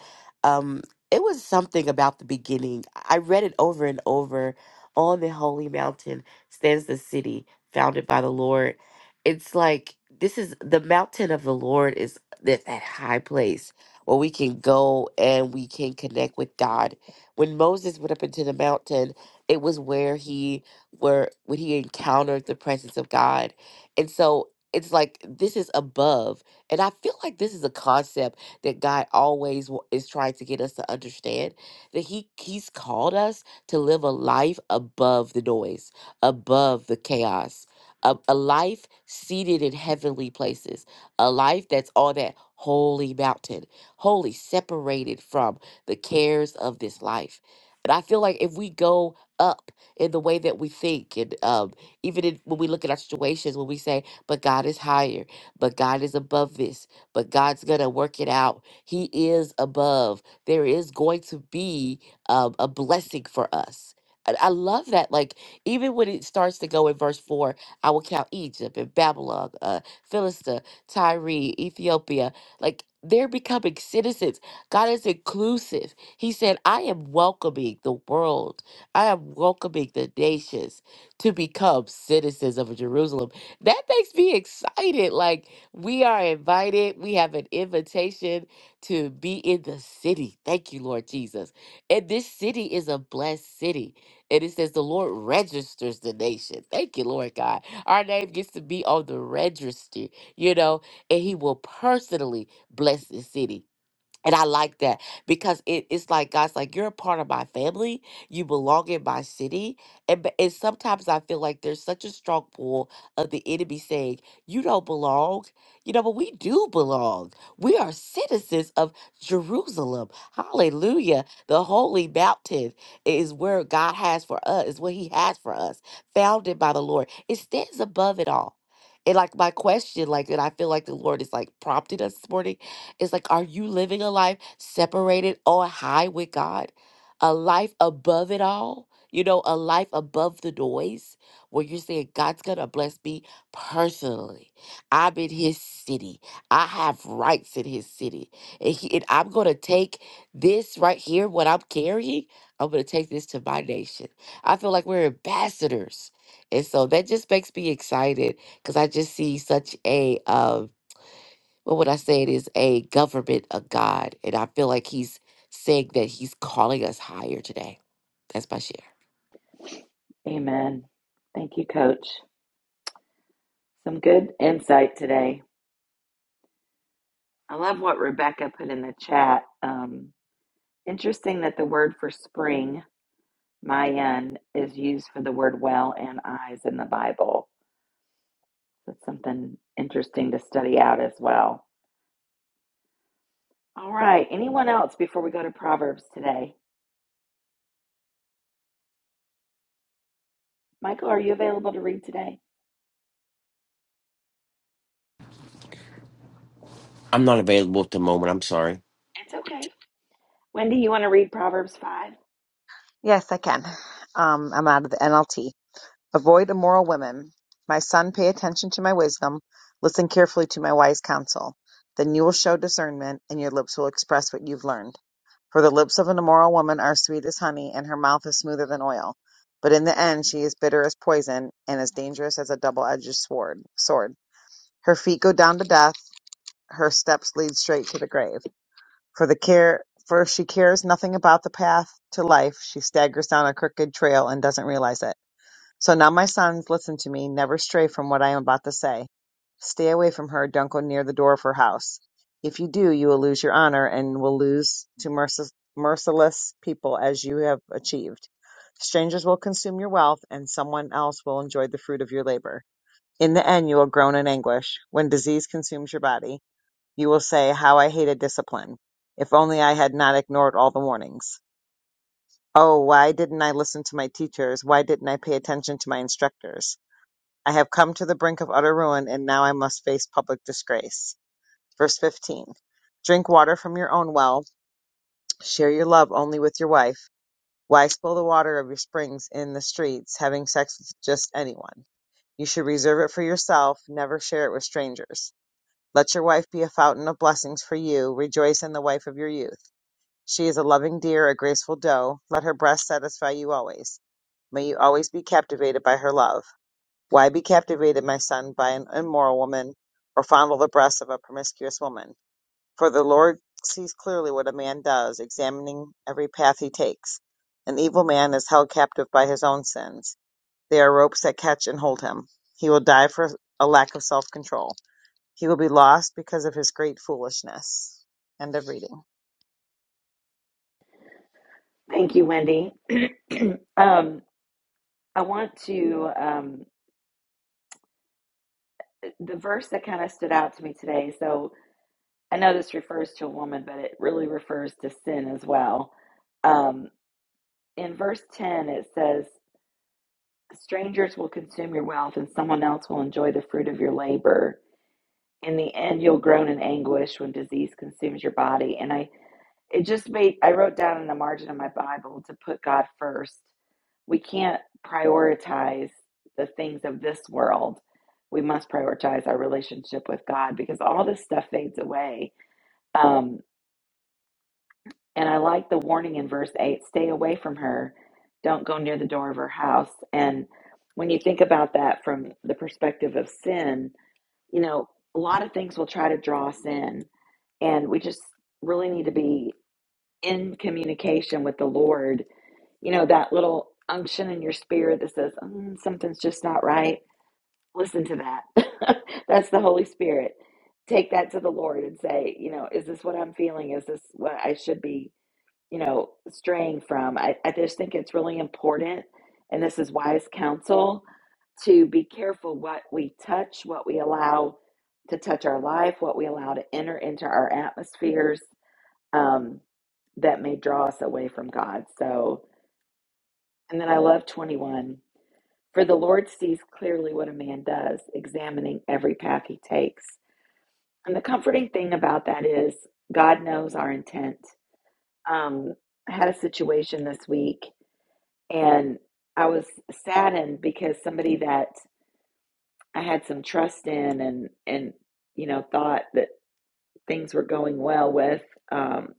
C: Um, it was something about the beginning. I read it over and over. On the holy mountain stands the city founded by the Lord. It's like this is the mountain of the Lord is that, that high place where we can go and we can connect with God. When Moses went up into the mountain, it was where he where when he encountered the presence of God. And so it's like this is above. And I feel like this is a concept that God always w- is trying to get us to understand that he he's called us to live a life above the noise, above the chaos, a, a life seated in heavenly places, a life that's on that holy mountain, wholly separated from the cares of this life. And I feel like if we go up in the way that we think, and um, even in, when we look at our situations, when we say, but God is higher, but God is above this, but God's going to work it out. He is above. There is going to be um, a blessing for us. And I love that. Like, even when it starts to go in verse 4, I will count Egypt and Babylon, uh, Philistia, Tyre, Ethiopia. Like, they're becoming citizens. God is inclusive. He said, I am welcoming the world, I am welcoming the nations to become citizens of Jerusalem. That makes me excited. Like, we are invited. We have an invitation to be in the city. Thank you, Lord Jesus. And this city is a blessed city. And it says the Lord registers the nation. Thank you, Lord God. Our name gets to be on the register. you know, and He will personally bless the city. And I like that because it, it's like God's like, you're a part of my family. You belong in my city. And, b- and sometimes I feel like there's such a strong pull of the enemy saying, you don't belong. You know, but we do belong. We are citizens of Jerusalem. Hallelujah. The holy mountain is where God has for us, is what he has for us, founded by the Lord. It stands above it all. And like my question, like, and I feel like the Lord is like prompting us this morning it's like, are you living a life separated on high with God? A life above it all? You know, a life above the noise where you're saying, God's going to bless me personally. I'm in his city. I have rights in his city. And, he, and I'm going to take this right here, what I'm carrying, I'm going to take this to my nation. I feel like we're ambassadors. And so that just makes me excited because I just see such a, um, but what I said is a government of God. And I feel like he's saying that he's calling us higher today. That's my share.
A: Amen. Thank you, Coach. Some good insight today. I love what Rebecca put in the chat. Um, interesting that the word for spring, Mayan, is used for the word well and eyes in the Bible. That's something interesting to study out as well. All right. Anyone else before we go to Proverbs today? Michael, are you available to read today?
G: I'm not available at the moment. I'm sorry.
A: It's okay. Wendy, you want to read Proverbs 5?
H: Yes, I can. Um, I'm out of the NLT. Avoid immoral women. My son, pay attention to my wisdom. Listen carefully to my wise counsel. Then you will show discernment, and your lips will express what you've learned. For the lips of an immoral woman are sweet as honey, and her mouth is smoother than oil. But in the end, she is bitter as poison, and as dangerous as a double-edged sword. Sword. Her feet go down to death. Her steps lead straight to the grave. For the care for she cares nothing about the path to life, she staggers down a crooked trail and doesn't realize it. So now my sons, listen to me, never stray from what I am about to say. Stay away from her, don't go near the door of her house. If you do, you will lose your honor and will lose to mercil- merciless people as you have achieved. Strangers will consume your wealth and someone else will enjoy the fruit of your labor. In the end, you will groan in anguish when disease consumes your body. You will say, How I hated discipline. If only I had not ignored all the warnings. Oh, why didn't I listen to my teachers? Why didn't I pay attention to my instructors? I have come to the brink of utter ruin, and now I must face public disgrace. Verse 15 Drink water from your own well, share your love only with your wife. Why spill the water of your springs in the streets, having sex with just anyone? You should reserve it for yourself, never share it with strangers. Let your wife be a fountain of blessings for you. Rejoice in the wife of your youth. She is a loving dear, a graceful doe. Let her breast satisfy you always. May you always be captivated by her love. Why be captivated, my son, by an immoral woman, or fondle the breasts of a promiscuous woman? For the Lord sees clearly what a man does, examining every path he takes. An evil man is held captive by his own sins. They are ropes that catch and hold him. He will die for a lack of self control. He will be lost because of his great foolishness. End of reading.
A: Thank you, Wendy. um, I want to, um, the verse that kind of stood out to me today. So I know this refers to a woman, but it really refers to sin as well. Um, in verse 10, it says, Strangers will consume your wealth, and someone else will enjoy the fruit of your labor. In the end, you'll groan in anguish when disease consumes your body. And I It just made, I wrote down in the margin of my Bible to put God first. We can't prioritize the things of this world. We must prioritize our relationship with God because all this stuff fades away. Um, and I like the warning in verse 8 stay away from her, don't go near the door of her house. And when you think about that from the perspective of sin, you know, a lot of things will try to draw us in. And we just really need to be in communication with the Lord, you know, that little unction in your spirit that says, "Mm, something's just not right, listen to that. That's the Holy Spirit. Take that to the Lord and say, you know, is this what I'm feeling? Is this what I should be, you know, straying from? I, I just think it's really important, and this is wise counsel, to be careful what we touch, what we allow to touch our life, what we allow to enter into our atmospheres um, that may draw us away from God. So, and then I love 21. For the Lord sees clearly what a man does, examining every path he takes. And the comforting thing about that is God knows our intent. Um, I had a situation this week and I was saddened because somebody that I had some trust in and, and, you know, thought that things were going well with, um,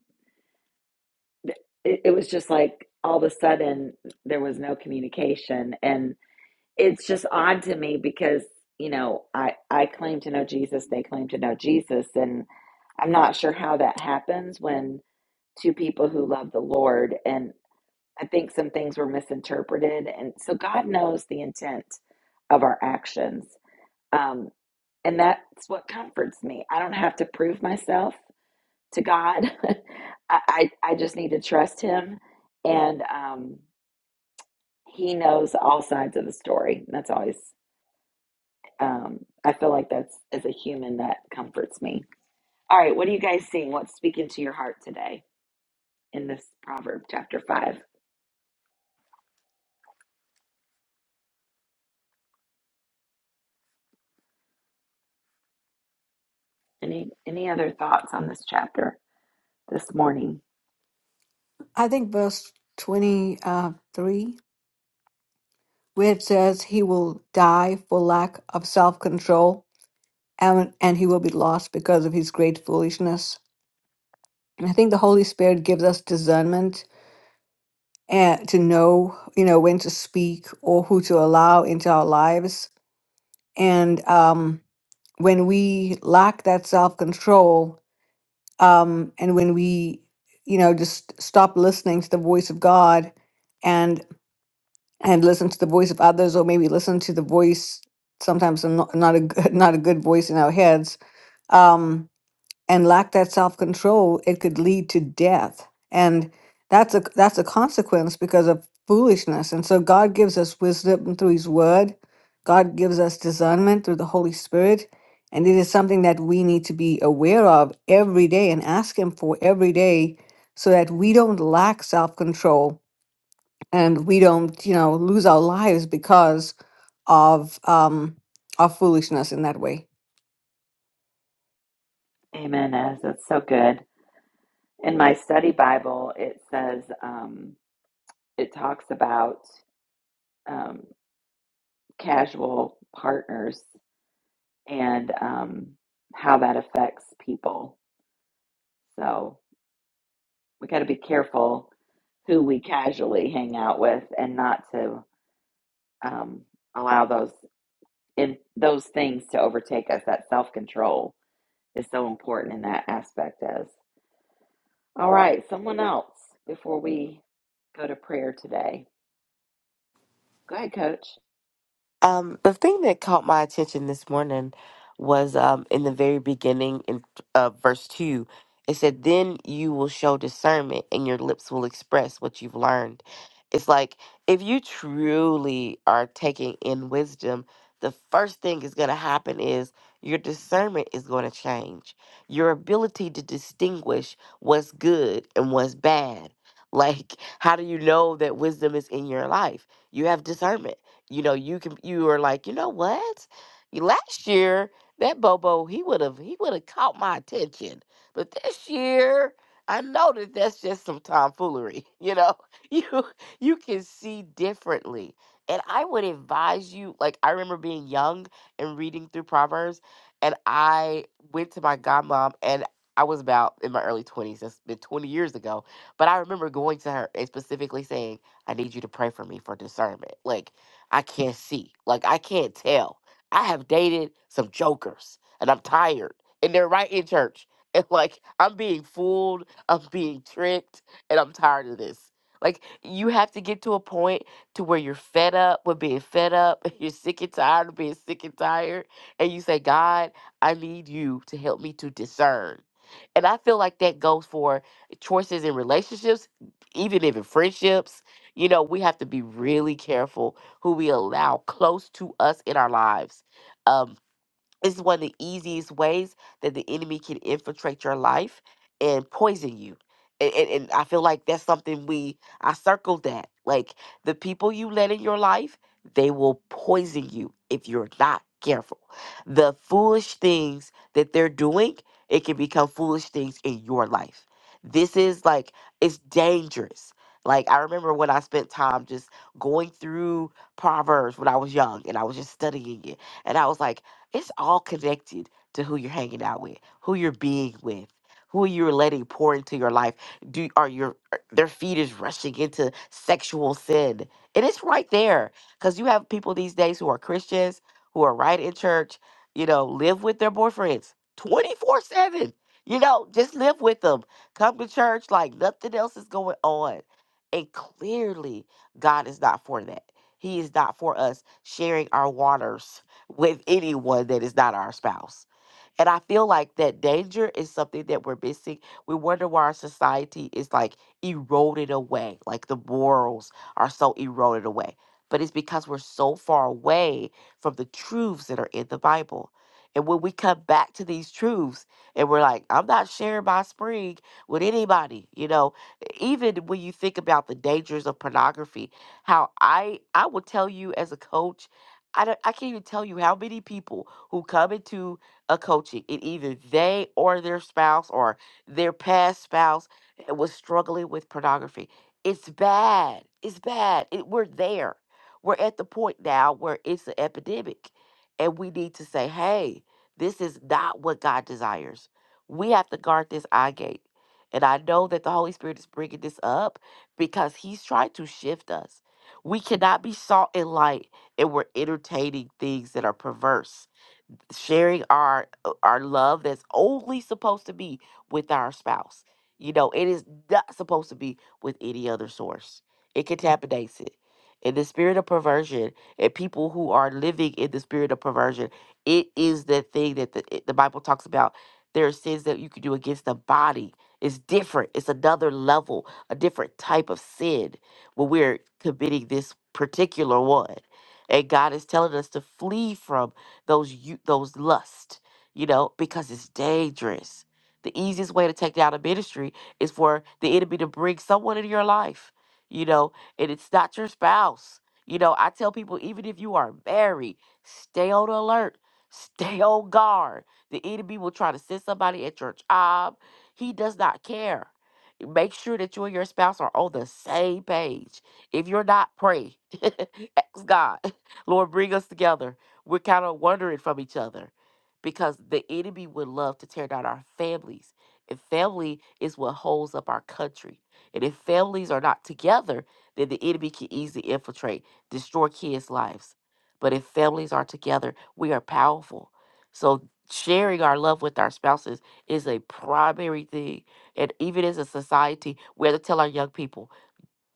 A: it, it was just like all of a sudden there was no communication and it's just odd to me because you know i i claim to know jesus they claim to know jesus and i'm not sure how that happens when two people who love the lord and i think some things were misinterpreted and so god knows the intent of our actions um and that's what comforts me i don't have to prove myself to God. I, I I just need to trust Him, and um, He knows all sides of the story. That's always um, I feel like that's as a human that comforts me. All right, what are you guys seeing? What's speaking to your heart today in this proverb chapter five? Any any other thoughts on this chapter this morning?
B: I think verse 23 where it says he will die for lack of self control and, and he will be lost because of his great foolishness. And I think the Holy Spirit gives us discernment and to know, you know, when to speak or who to allow into our lives. And um, when we lack that self control, um, and when we, you know, just stop listening to the voice of God and listen to the voice of others or maybe listen to the voice sometimes a not, not a good not a good voice in our heads um and lack that self-control it could lead to death and that's a that's a consequence because of foolishness and so god gives us wisdom through his word god gives us discernment through the holy spirit and it is something that we need to be aware of every day and ask him for every day so that we don't lack self-control and we don't you know lose our lives because of um our foolishness in that way
A: Amen. As that's so good. In my study Bible, it says um, it talks about um, casual partners and um, how that affects people. So we got to be careful who we casually hang out with and not to um, allow those in those things to overtake us. That self control is so important in that aspect. As all right, someone else before we go to prayer today. Go ahead, Coach.
C: Um, the thing that caught my attention this morning was um, in the very beginning in uh, verse 2. It said, Then you will show discernment and your lips will express what you've learned. It's like if you truly are taking in wisdom, the first thing is going to happen is your discernment is going to change. Your ability to distinguish what's good and what's bad. Like, how do you know that wisdom is in your life? You have discernment you know, you can you are like, you know what? Y- Last year that Bobo he would have he would have caught my attention, but this year I know that that's just some tomfoolery. You know, you you can see differently, and I would advise you. Like I remember being young and reading through Proverbs, and I went to my godmom and. I was about in my early 20s. That's been 20 years ago. But I remember going to her and specifically saying, I need you to pray for me for discernment. Like, I can't see. Like I can't tell. I have dated some jokers and I'm tired. And they're right in church. And like I'm being fooled, I'm being tricked, and I'm tired of this. Like you have to get to a point to where you're fed up with being fed up, you're sick and tired of being sick and tired, and you say, God, I need you to help me to discern. And I feel like that goes for choices in relationships, even even friendships. You know, we have to be really careful who we allow close to us in our lives. Um, it's one of the easiest ways that the enemy can infiltrate your life and poison you. And, and, and I feel like that's something we, I circled that. Like the people you let in your life, they will poison you if you're not careful. The foolish things that they're doing, it can become foolish things in your life. This is like, it's dangerous. Like I remember when I spent time just going through Proverbs when I was young and I was just studying it. And I was like, it's all connected to who you're hanging out with, who you're being with, who you're letting pour into your life. Do are your are- their feet is rushing into sexual sin, and it's right there because you have people these days who are Christians who are right in church, you know, live with their boyfriends twenty four seven. You know, just live with them. Come to church like nothing else is going on. And clearly, God is not for that. He is not for us sharing our waters with anyone that is not our spouse. And I feel like that danger is something that we're missing. We wonder why our society is like eroded away, like the morals are so eroded away. But it's because we're so far away from the truths that are in the Bible. And when we come back to these truths and we're like, I'm not sharing my spring with anybody, you know, even when you think about the dangers of pornography, how I I will tell you as a coach, I don't, I can't even tell you how many people who come into a coaching and either they or their spouse or their past spouse eh, was struggling with pornography. It's bad. It's bad. It, we're there. We're at the point now where it's an epidemic and we need to say, hey, this is not what God desires. We have to guard this eye gate. And I know that the Holy Spirit is bringing this up because He's trying to shift us. We cannot be salt and light and we're entertaining things that are perverse sharing our uh, our love that's only supposed to be with our spouse. You know, it is not supposed to be with any other source. It contaminates it. In the spirit of perversion, and people who are living in the spirit of perversion, it is the thing that the, it- the Bible talks about. There are sins that you can do against the body. It's different. It's another level, a different type of sin when we're committing this particular one. And God is telling us to flee from those you those lust, you know, because it's dangerous. The easiest way to take down a ministry is for the enemy to bring someone into your life, you know, and it's not your spouse. You know, I tell people even if you are married, stay on alert, stay on guard. The enemy will try to send somebody at your job. He does not care. Make sure that you and your spouse are on the same page. If you're not, pray. Ask God, Lord, bring us together we're kind of wondering from each other because the enemy would love to tear down our families. And family is what holds up our country. And if families are not together, then the enemy can easily infiltrate, destroy kids' lives. But if families are together, we are powerful. So sharing our love with our spouses is a primary thing. And even as a society, we have to tell our young people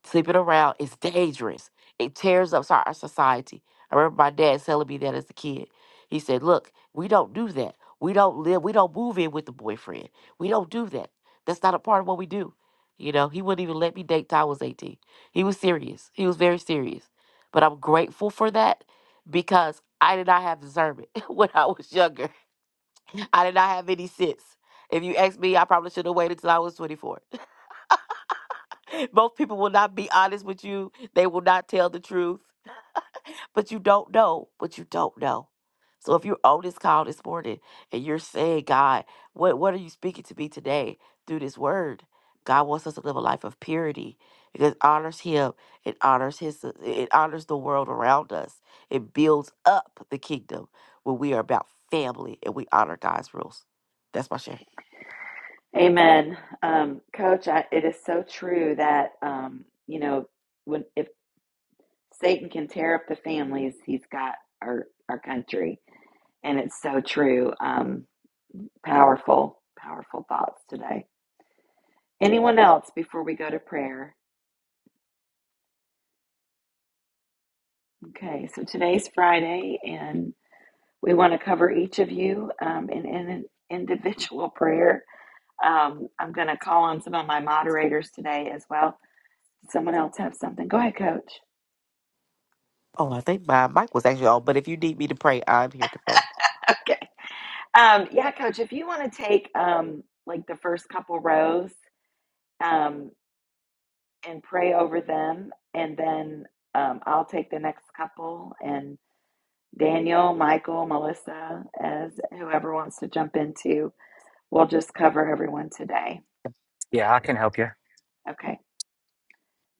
C: Sleeping around is dangerous. It tears up our our society. I remember my dad telling me that as a kid. He said, Look, we don't do that. We don't live, we don't move in with the boyfriend. We don't do that. That's not a part of what we do. You know, he wouldn't even let me date till I was 18. He was serious. He was very serious. But I'm grateful for that because I did not have discernment when I was younger. I did not have any sense. If you ask me, I probably should have waited till I was 24 Most people will not be honest with you. They will not tell the truth. But you don't know what you don't know. So if you're on this call this morning and you're saying, God, what, what are you speaking to me today through this word? God wants us to live a life of purity because it honors him, it honors his it honors the world around us. It builds up the kingdom when we are about family and we honor God's rules. That's my share.
A: Amen, um, Coach. I, it is so true that um, you know when if Satan can tear up the families he's got our our country, and it's so true. Um, powerful, powerful thoughts today. Anyone else before we go to prayer? Okay, so today's Friday, and we want to cover each of you um, in, in an individual prayer. Um, I'm going to call on some of my moderators today as well. Someone else have something? Go ahead, Coach.
C: Oh, I think my mic was actually on, but if you need me to pray, I'm here to pray.
A: Okay. Um, yeah, Coach, if you want to take um, like the first couple rows. um. and pray over them. And then um, I'll take the next couple and Daniel, Michael, Melissa, as whoever wants to jump into, we'll just cover everyone today. Okay,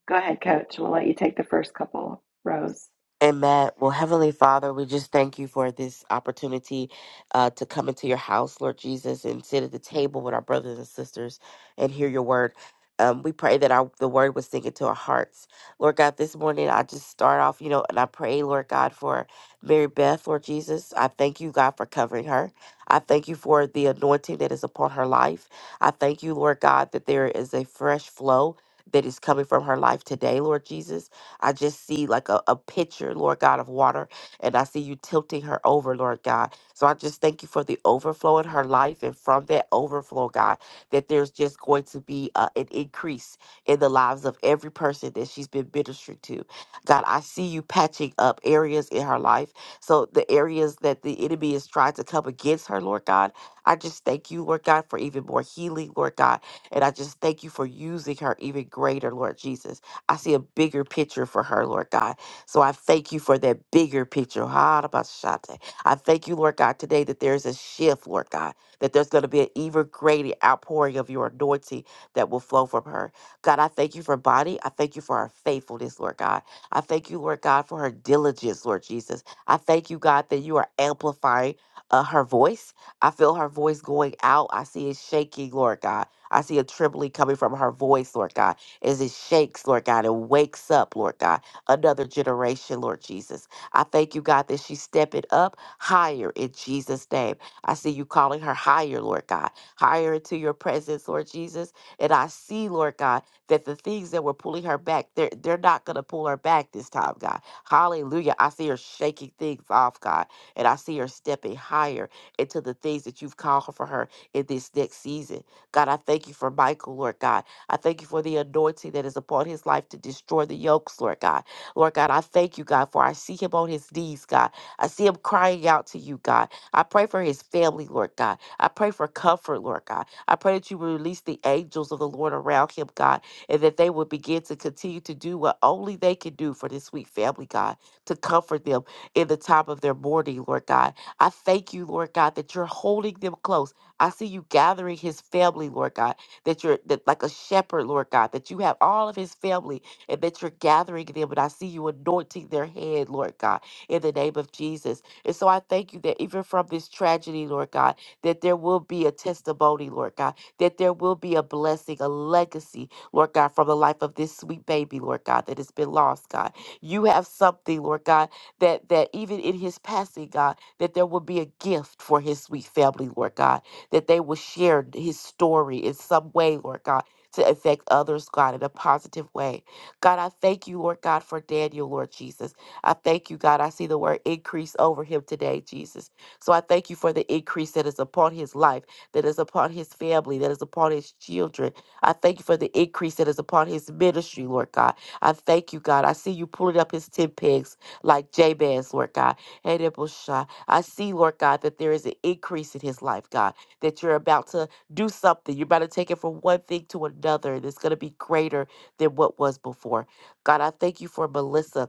A: go ahead, coach. We'll let you take the first couple rows.
C: Amen. Well, Heavenly Father, we just thank you for this opportunity uh, to come into your house, Lord Jesus, and sit at the table with our brothers and sisters and hear your word. Um, we pray that our, the word would sink into our hearts. Lord God, this morning I just start off, you know, and I pray, Lord God, for Mary Beth, Lord Jesus. I thank you, God, for covering her. I thank you for the anointing that is upon her life. I thank you, Lord God, that there is a fresh flow that is coming from her life today, Lord Jesus. I just see like a, a pitcher, Lord God, of water, and I see you tilting her over, Lord God. So I just thank you for the overflow in her life. And from that overflow, God, that there's just going to be uh, an increase in the lives of every person that she's been ministering to. God, I see you patching up areas in her life. So the areas that the enemy is trying to come against her, Lord God, I just thank you, Lord God, for even more healing, Lord God. And I just thank you for using her even greater, Lord Jesus. I see a bigger picture for her, Lord God. So I thank you for that bigger picture. Harabashate. I thank you, Lord God, today that there is a shift, Lord God, that there's going to be an even greater outpouring of your anointing that will flow from her. God, I thank you for body. I thank you for her faithfulness, Lord God. I thank you, Lord God, for her diligence, Lord Jesus. I thank you, God, that you are amplifying uh, her voice. I feel her voice going out. I see it shaking, Lord God. I see a trembling coming from her voice, Lord God as it shakes, Lord God, and wakes up, Lord God, another generation, Lord Jesus. I thank you, God, that she's stepping up higher in Jesus' name. I see you calling her higher, Lord God, higher into your presence, Lord Jesus. And I see, Lord God, that the things that were pulling her back, they're, they're not going to pull her back this time, God. Hallelujah. I see her shaking things off, God, and I see her stepping higher into the things that you've called for her in this next season. God, I thank you for Michael, Lord God. I thank you for the anointing that is upon his life to destroy the yokes, Lord God. Lord God, I thank you, God, for I see him on his knees, God. I see him crying out to you, God. I pray for his family, Lord God. I pray for comfort, Lord God. I pray that you will release the angels of the Lord around him, God, and that they will begin to continue to do what only they can do for this sweet family, God, to comfort them in the time of their mourning, Lord God. I thank you, Lord God, that you're holding them close. I see you gathering his family, Lord God that you're that like a shepherd, Lord God, that you have all of his family and that you're gathering them. And I see you anointing their head, Lord God, in the name of Jesus. And so I thank you that even from this tragedy, Lord God, that there will be a testimony, Lord God, that there will be a blessing, a legacy, Lord God, from the life of this sweet baby, Lord God, that has been lost, God. You have something, Lord God, that that even in his passing, God, that there will be a gift for his sweet family, Lord God that they will share his story in some way, Lord God, to affect others, God, in a positive way. God, I thank you, Lord God, for Daniel, Lord Jesus. I thank you, God. I see the word increase over him today, Jesus. So I thank you for the increase that is upon his life, that is upon his family, that is upon his children. I thank you for the increase that is upon his ministry, Lord God. I thank you, God. I see you pulling up his ten pegs like Jabez, Lord God. Hey, Debushai. I see, Lord God, that there is an increase in his life, God that you're about to do something. You're about to take it from one thing to another, and it's going to be greater than what was before. God, I thank you for Melissa.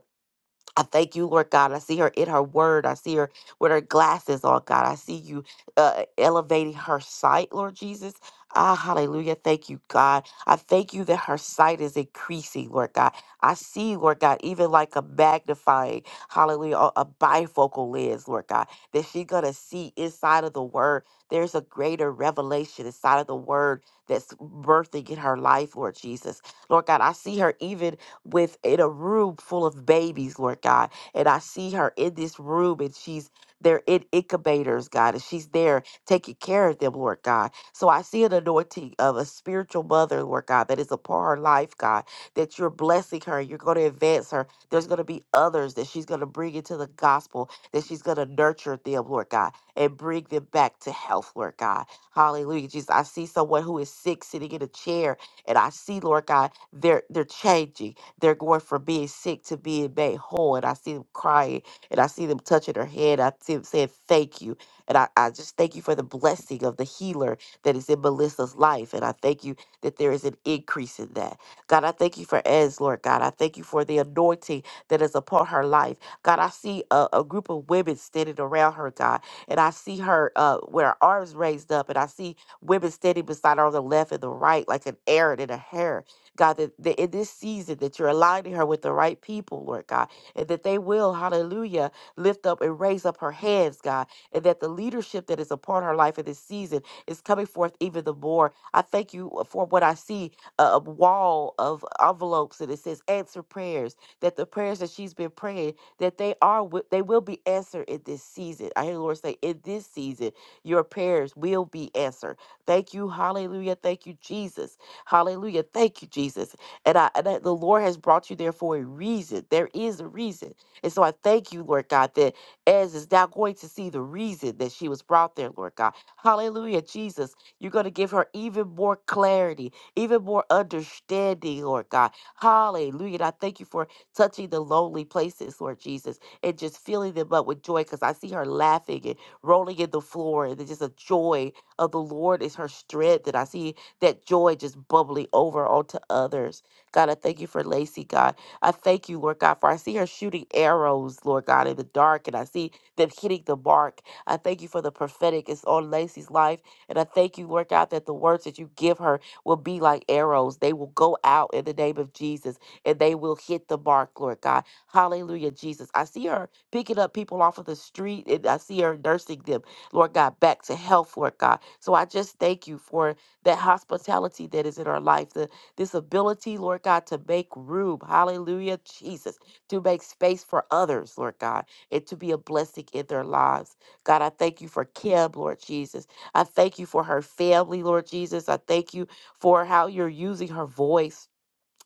C: I thank you, Lord God. I see her in her word. I see her with her glasses on, God. I see you uh, elevating her sight, Lord Jesus. Ah, hallelujah. Thank you, God. I thank you that her sight is increasing, Lord God. I see, Lord God, even like a magnifying, hallelujah, a a bifocal lens, Lord God, that she's going to see inside of the word. There's a greater revelation inside of the word that's birthing in her life, Lord Jesus. Lord God, I see her even with in a room full of babies, Lord God. And I see her in this room and she's they're in incubators, God, and she's there taking care of them, Lord God. So I see an anointing of a spiritual mother, Lord God, that is upon her life, God, that you're blessing her. You're going to advance her. There's going to be others that she's going to bring into the gospel, that she's going to nurture them, Lord God, and bring them back to health, Lord God. Hallelujah. Jesus, I see someone who is sick sitting in a chair, and I see, Lord God, they're they're changing. They're going from being sick to being made whole. And I see them crying and I see them touching her head. I see them saying thank you. And I, I just thank you for the blessing of the healer that is in Melissa's life. And I thank you that there is an increase in that. God, I thank you for Ez, Lord God. I thank you for the anointing that is upon her life. God, I see a, a group of women standing around her, God. And I see her uh, with her arms raised up. And I see women standing beside her on the left and the right, like an Aaron and a hair. God, that, that in this season that you're aligning her with the right people, Lord God, and that they will, hallelujah, lift up and raise up her hands, God, and that the leadership that is upon her life in this season is coming forth even the more. I thank you uh, for what I see a a wall of envelopes and it says answer prayers, that the prayers that she's been praying, that they are wi- they will be answered in this season. I hear the Lord say, in this season, your prayers will be answered. Thank you, hallelujah. Thank you, Jesus Hallelujah. Thank you, Jesus. And I and that the Lord has brought you there for a reason. There is a reason. And so I thank you, Lord God, that Ez is now going to see the reason that she was brought there, Lord God. Hallelujah, Jesus. You're going to give her even more clarity, even more understanding, Lord God. Hallelujah. And I thank you for touching the lonely places, Lord Jesus, and just filling them up with joy because I see her laughing and rolling in the floor. And there's just a joy of the Lord is her strength. And I see that joy just bubbling over onto others. God, I thank you for Lacey, God. I thank you, Lord God, for I see her shooting arrows, Lord God, in the dark, and I see them hitting the mark. I thank you for the prophetic is on Lacey's life. And I thank you, Lord God, that the words that you give her will be like arrows. They will go out in the name of Jesus and they will hit the mark, Lord God. Hallelujah, Jesus. I see her picking up people off of the street and I see her nursing them, Lord God, back to health, Lord God. So I just thank you for that hospitality that is in our life, the this ability, Lord God, to make room, hallelujah, Jesus, to make space for others, Lord God, and to be a blessing in their lives. God, I thank you for Kim, Lord Jesus. I thank you for her family, Lord Jesus. I thank you for how you're using her voice.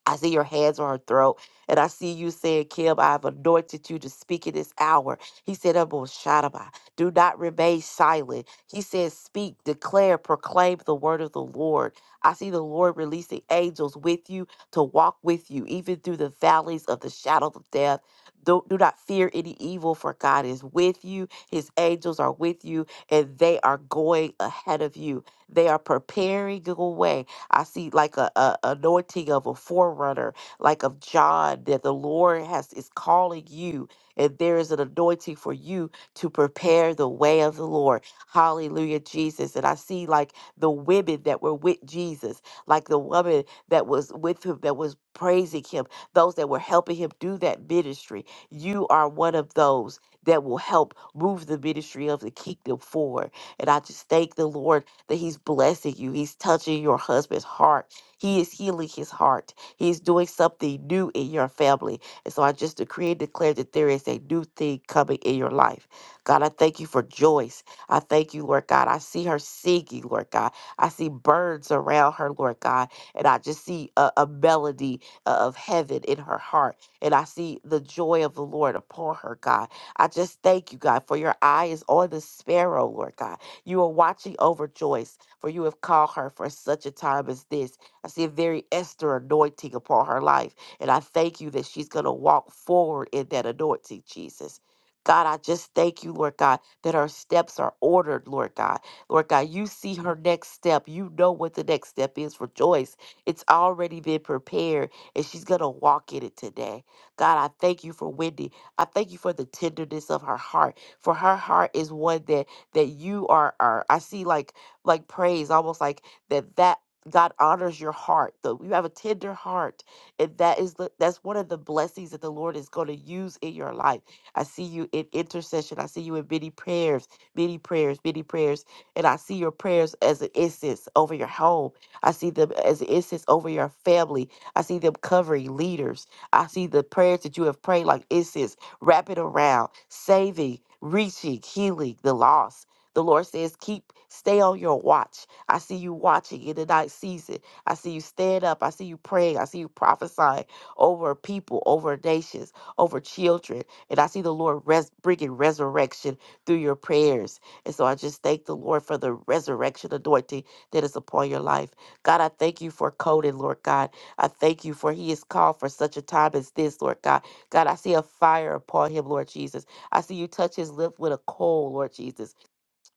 C: I see your hands on her throat, and I see you saying, Kim, I've anointed you to speak in this hour. He said, "Abo Shadaba, Do not remain silent. He says, Speak, declare, proclaim the word of the Lord. I see the Lord releasing angels with you to walk with you, even through the valleys of the shadow of death. Don't, do not fear any evil, for God is with you. His angels are with you, and they are going ahead of you. They are preparing a way I see like a, a anointing of a forerunner, like of John, that the Lord has is calling you, and there is an anointing for you to prepare the way of the Lord. Hallelujah, Jesus. And I see like the women that were with Jesus, like the woman that was with him, that was praising him, those that were helping him do that ministry. You are one of those that will help move the ministry of the kingdom forward. And I just thank the Lord that He's blessing you. He's touching your husband's heart. He is healing his heart. He is doing something new in your family. And so I just decree and declare that there is a new thing coming in your life. God, I thank you for Joyce. I thank you, Lord God. I see her singing, Lord God. I see birds around her, Lord God. And I just see a, a melody uh, of heaven in her heart. And I see the joy of the Lord upon her, God. I just thank you, God, for your eye is on the sparrow, Lord God. You are watching over Joyce, for you have called her for such a time as this. I see a very Esther anointing upon her life. And I thank you that she's going to walk forward in that anointing, Jesus. God, I just thank you, Lord God, that her steps are ordered, Lord God. Lord God, you see her next step. You know what the next step is for Joyce. It's already been prepared, and she's going to walk in it today. God, I thank you for Wendy. I thank you for the tenderness of her heart, for her heart is one that that you are are I see like like praise almost like that that God honors your heart. Though you have a tender heart, and that is the that's one of the blessings that the Lord is going to use in your life. I see you in intercession. I see you in many prayers, many prayers, many prayers, and I see your prayers as an incense over your home. I see them as an incense over your family. I see them covering leaders. I see the prayers that you have prayed like incense, wrapping around, saving, reaching, healing the lost. The Lord says, keep, stay on your watch. I see you watching in the night season. I see you stand up. I see you praying. I see you prophesying over people, over nations, over children. And I see the Lord res- bringing resurrection through your prayers. And so I just thank the Lord for the resurrection anointing that is upon your life. God, I thank you for Conan, Lord God. I thank you for he is called for such a time as this, Lord God. God, I see a fire upon him, Lord Jesus. I see you touch his lip with a coal, Lord Jesus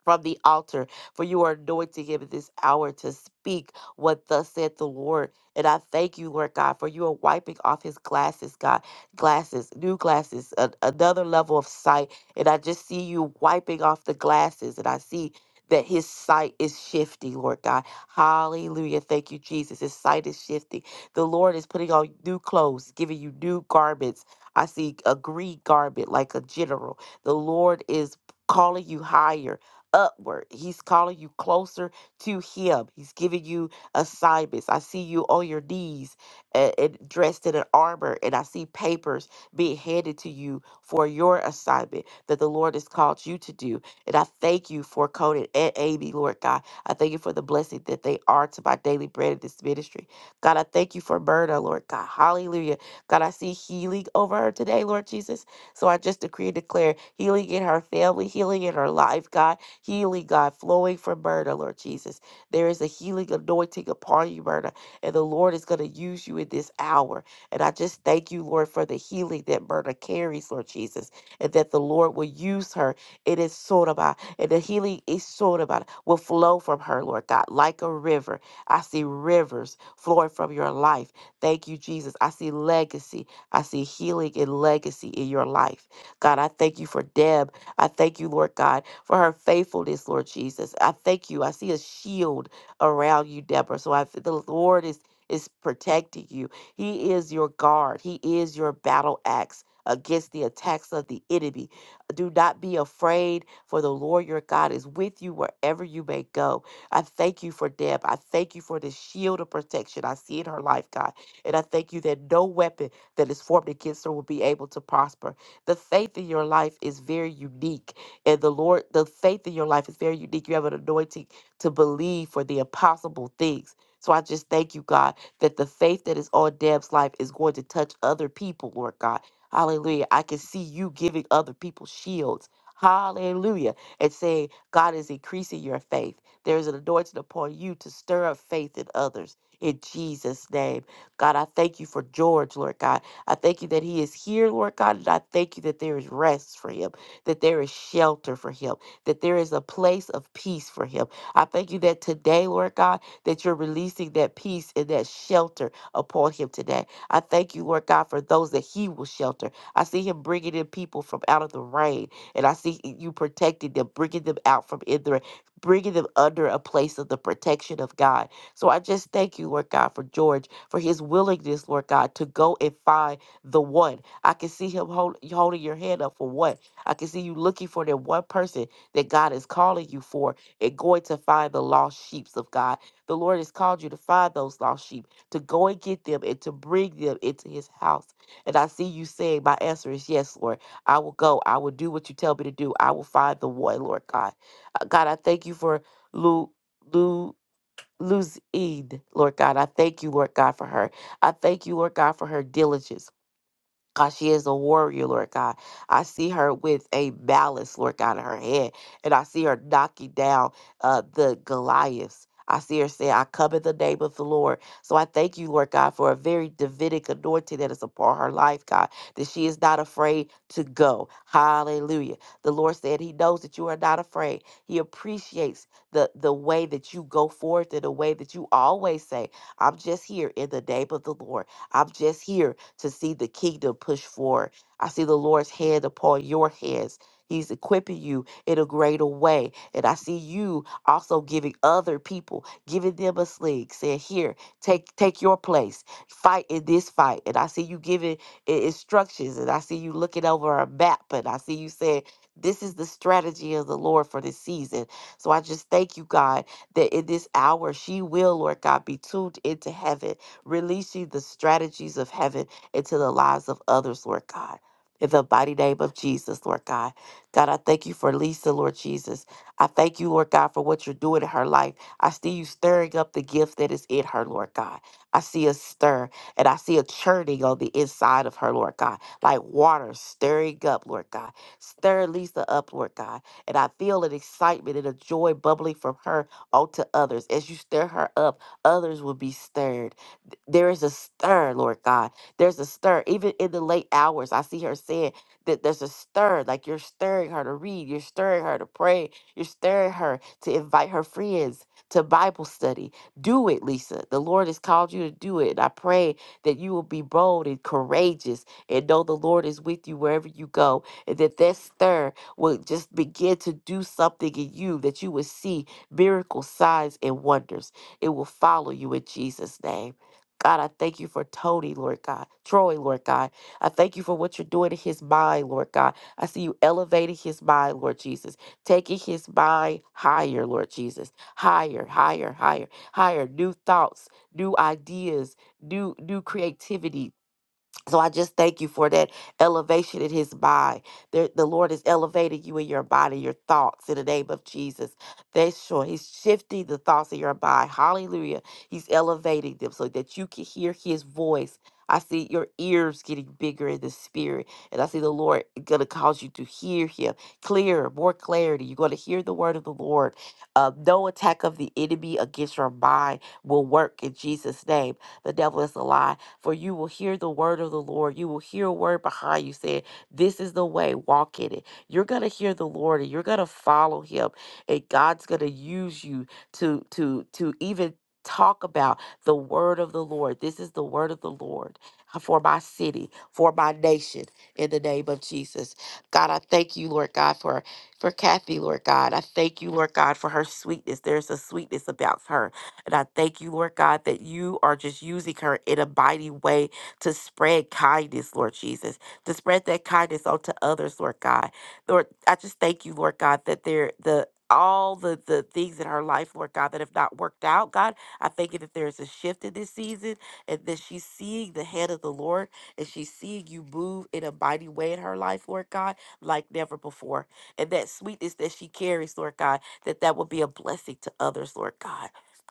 C: from the altar, for you are anointing him in this hour to speak what thus said the Lord. And I thank you, Lord God, for you are wiping off his glasses, God, glasses, new glasses, a- another level of sight. And I just see you wiping off the glasses, and I see that his sight is shifting, Lord God. Hallelujah. Thank you, Jesus. His sight is shifting. The Lord is putting on new clothes, giving you new garments. I see a green garment like a general. The Lord is calling you higher upward. He's calling you closer to Him. He's giving you assignments. I see you on your knees and, and dressed in an armor, and I see papers being handed to you for your assignment that the Lord has called you to do. And I thank you for Conan and Amy, Lord God. I thank you for the blessing that they are to my daily bread in this ministry. God, I thank you for Myrna, Lord God. Hallelujah. God, I see healing over her today, Lord Jesus. So I just decree and declare healing in her family, healing in her life, God Healing, God, flowing from Myrna, Lord Jesus. There is a healing anointing upon you, Myrna, and the Lord is going to use you in this hour. And I just thank you, Lord, for the healing that Myrna carries, Lord Jesus, and that the Lord will use her. It is sort of about, and the healing is sort of about, will flow from her, Lord God, like a river. I see rivers flowing from your life. Thank you, Jesus. I see legacy. I see healing and legacy in your life. God, I thank you for Deb I thank you, Lord God, for her faithfulness, Lord Jesus. I thank you. I see a shield around you, Deborah. So I the Lord is is protecting you. He is your guard. He is your battle axe against the attacks of the enemy. Do not be afraid, for the Lord your God is with you wherever you may go. I thank you for Deb. I thank you for the shield of protection I see in her life, God. And I thank you that no weapon that is formed against her will be able to prosper. The faith in your life is very unique. And the Lord, the faith in your life is very unique. You have an anointing to believe for the impossible things. So I just thank you, God, that the faith that is on Deb's life is going to touch other people, Lord God. Hallelujah. I can see you giving other people shields. Hallelujah. And saying, God is increasing your faith. There is an anointing upon you to stir up faith in others in Jesus' name. God, I thank you for George, Lord God. I thank you that he is here, Lord God, and I thank you that there is rest for him, that there is shelter for him, that there is a place of peace for him. I thank you that today, Lord God, that you're releasing that peace and that shelter upon him today. I thank you, Lord God, for those that he will shelter. I see him bringing in people from out of the rain, and I see you protecting them, bringing them out from in the rain, bringing them under a place of the protection of God. So I just thank you, Lord God, for George, for his willingness, Lord God, to go and find the one. I can see him hold, holding your hand up for one. I can see you looking for that one person that God is calling you for and going to find the lost sheep of God. The Lord has called you to find those lost sheep, to go and get them and to bring them into his house. And I see you saying, My answer is yes, Lord. I will go. I will do what you tell me to do. I will find the one, Lord God. Uh, God, I thank you for Lou, Lou, Luz Lord God. I thank you, Lord God, for her. I thank you, Lord God, for her diligence. God, she is a warrior, Lord God. I see her with a balance, Lord God, in her head, and I see her knocking down uh, the Goliaths. I see her say, I come in the name of the Lord. So I thank you, Lord God, for a very Davidic anointing that is upon her life, God, that she is not afraid to go. Hallelujah. The Lord said he knows that you are not afraid. He appreciates the, the way that you go forth and the way that you always say, I'm just here in the name of the Lord. I'm just here to see the kingdom push forward. I see the Lord's hand upon your heads. He's equipping you in a greater way. And I see you also giving other people, giving them a sling, saying, Here, take take your place. Fight in this fight. And I see you giving i- instructions. And I see you looking over a map. And I see you saying, This is the strategy of the Lord for this season. So I just thank you, God, that in this hour she will, Lord God, be tuned into heaven, releasing the strategies of heaven into the lives of others, Lord God. In the mighty name of Jesus, Lord God. God, I thank you for Lisa, Lord Jesus. I thank you, Lord God, for what you're doing in her life. I see you stirring up the gift that is in her, Lord God. I see a stir and I see a churning on the inside of her, Lord God, like water stirring up, Lord God. Stir Lisa up, Lord God. And I feel an excitement and a joy bubbling from her onto others. As you stir her up, others will be stirred there is a stir, Lord God. There's a stir. Even in the late hours, I see her saying that there's a stir. Like you're stirring her to read, you're stirring her to pray, you're stirring her to invite her friends to Bible study. Do it, Lisa. The Lord has called you to do it. And I pray that you will be bold and courageous and know the Lord is with you wherever you go. And that that stir will just begin to do something in you that you will see miracles, signs, and wonders. It will follow you in Jesus' name. God, I thank you for Tony, Lord God, Troy, Lord God. I thank you for what you're doing in his mind, Lord God. I see you elevating his mind, Lord Jesus, taking his mind higher, Lord Jesus, higher, higher, higher, higher. New thoughts, new ideas, new new creativity, so I just thank you for that elevation in his mind. There, the Lord is elevating you in your body, your thoughts in the name of Jesus. That's sure. He's shifting the thoughts in your mind. Hallelujah. He's elevating them so that you can hear his voice. I see your ears getting bigger in the spirit. And I see the Lord gonna cause you to hear him clearer, more clarity. You're gonna hear the word of the Lord. Uh, no attack of the enemy against your mind will work in Jesus' name. The devil is a lie for you will hear the word of the Lord. You will hear a word behind you saying, This is the way, walk in it. You're gonna hear the Lord and you're gonna follow him. And God's gonna use you to to to even talk about the word of the Lord. This is the word of the Lord for my city, for my nation, in the name of Jesus. God, I thank you, Lord God, for for Kathy, Lord God. I thank you, Lord God, for her sweetness. There's a sweetness about her. And I thank you, Lord God, that you are just using her in a mighty way to spread kindness, Lord Jesus, to spread that kindness onto others, Lord God. Lord, I just thank you, Lord God, that there the all the, the things in her life, Lord God, that have not worked out, God. I thank you that there is a shift in this season and that she's seeing the hand of the Lord and she's seeing you move in a mighty way in her life, Lord God, like never before. And that sweetness that she carries, Lord God, that that will be a blessing to others, Lord God.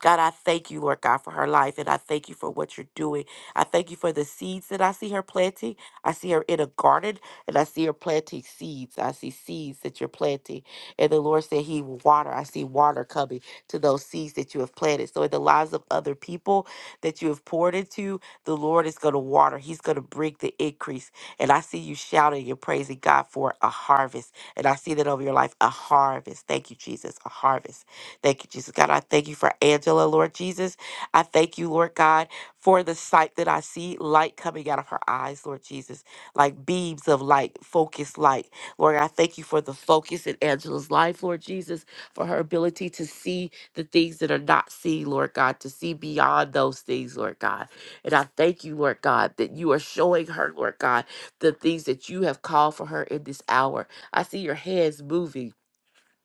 C: God, I thank you, Lord God, for her life. And I thank you for what you're doing. I thank you for the seeds that I see her planting. I see her in a garden and I see her planting seeds. I see seeds that you're planting. And the Lord said He will water. I see water coming to those seeds that you have planted. So in the lives of other people that you have poured into, the Lord is going to water. He's going to bring the increase. And I see you shouting and praising God for a harvest. And I see that over your life, a harvest. Thank you, Jesus, a harvest Thank you, Jesus God. I thank you for Angela, Lord Jesus. I thank you, Lord God, for the sight that I see, light coming out of her eyes, Lord Jesus, like beams of light, focused light. Lord, I thank you for the focus in Angela's life, Lord Jesus, for her ability to see the things that are not seen, Lord God, to see beyond those things, Lord God. And I thank you, Lord God, that you are showing her, Lord God, the things that you have called for her in this hour. I see your hands moving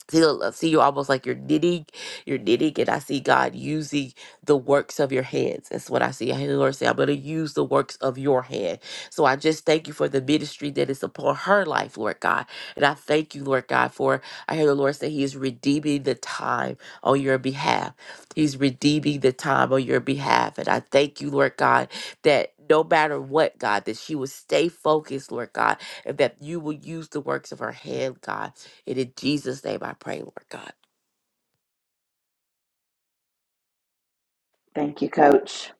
C: feel I see you almost like you're knitting, you're knitting, and I see God using the works of your hands. That's what I see. I hear the Lord say, I'm gonna use the works of your hand. So I just thank you for the ministry that is upon her life, Lord God. And I thank you, Lord God, for I hear the Lord say He is redeeming the time on your behalf. He's redeeming the time on your behalf. And I thank you, Lord God, that no matter what, God, that she will stay focused, Lord God, and that you will use the works of her hand, God. It is Jesus' name I pray, Lord God.
A: Thank you, Coach.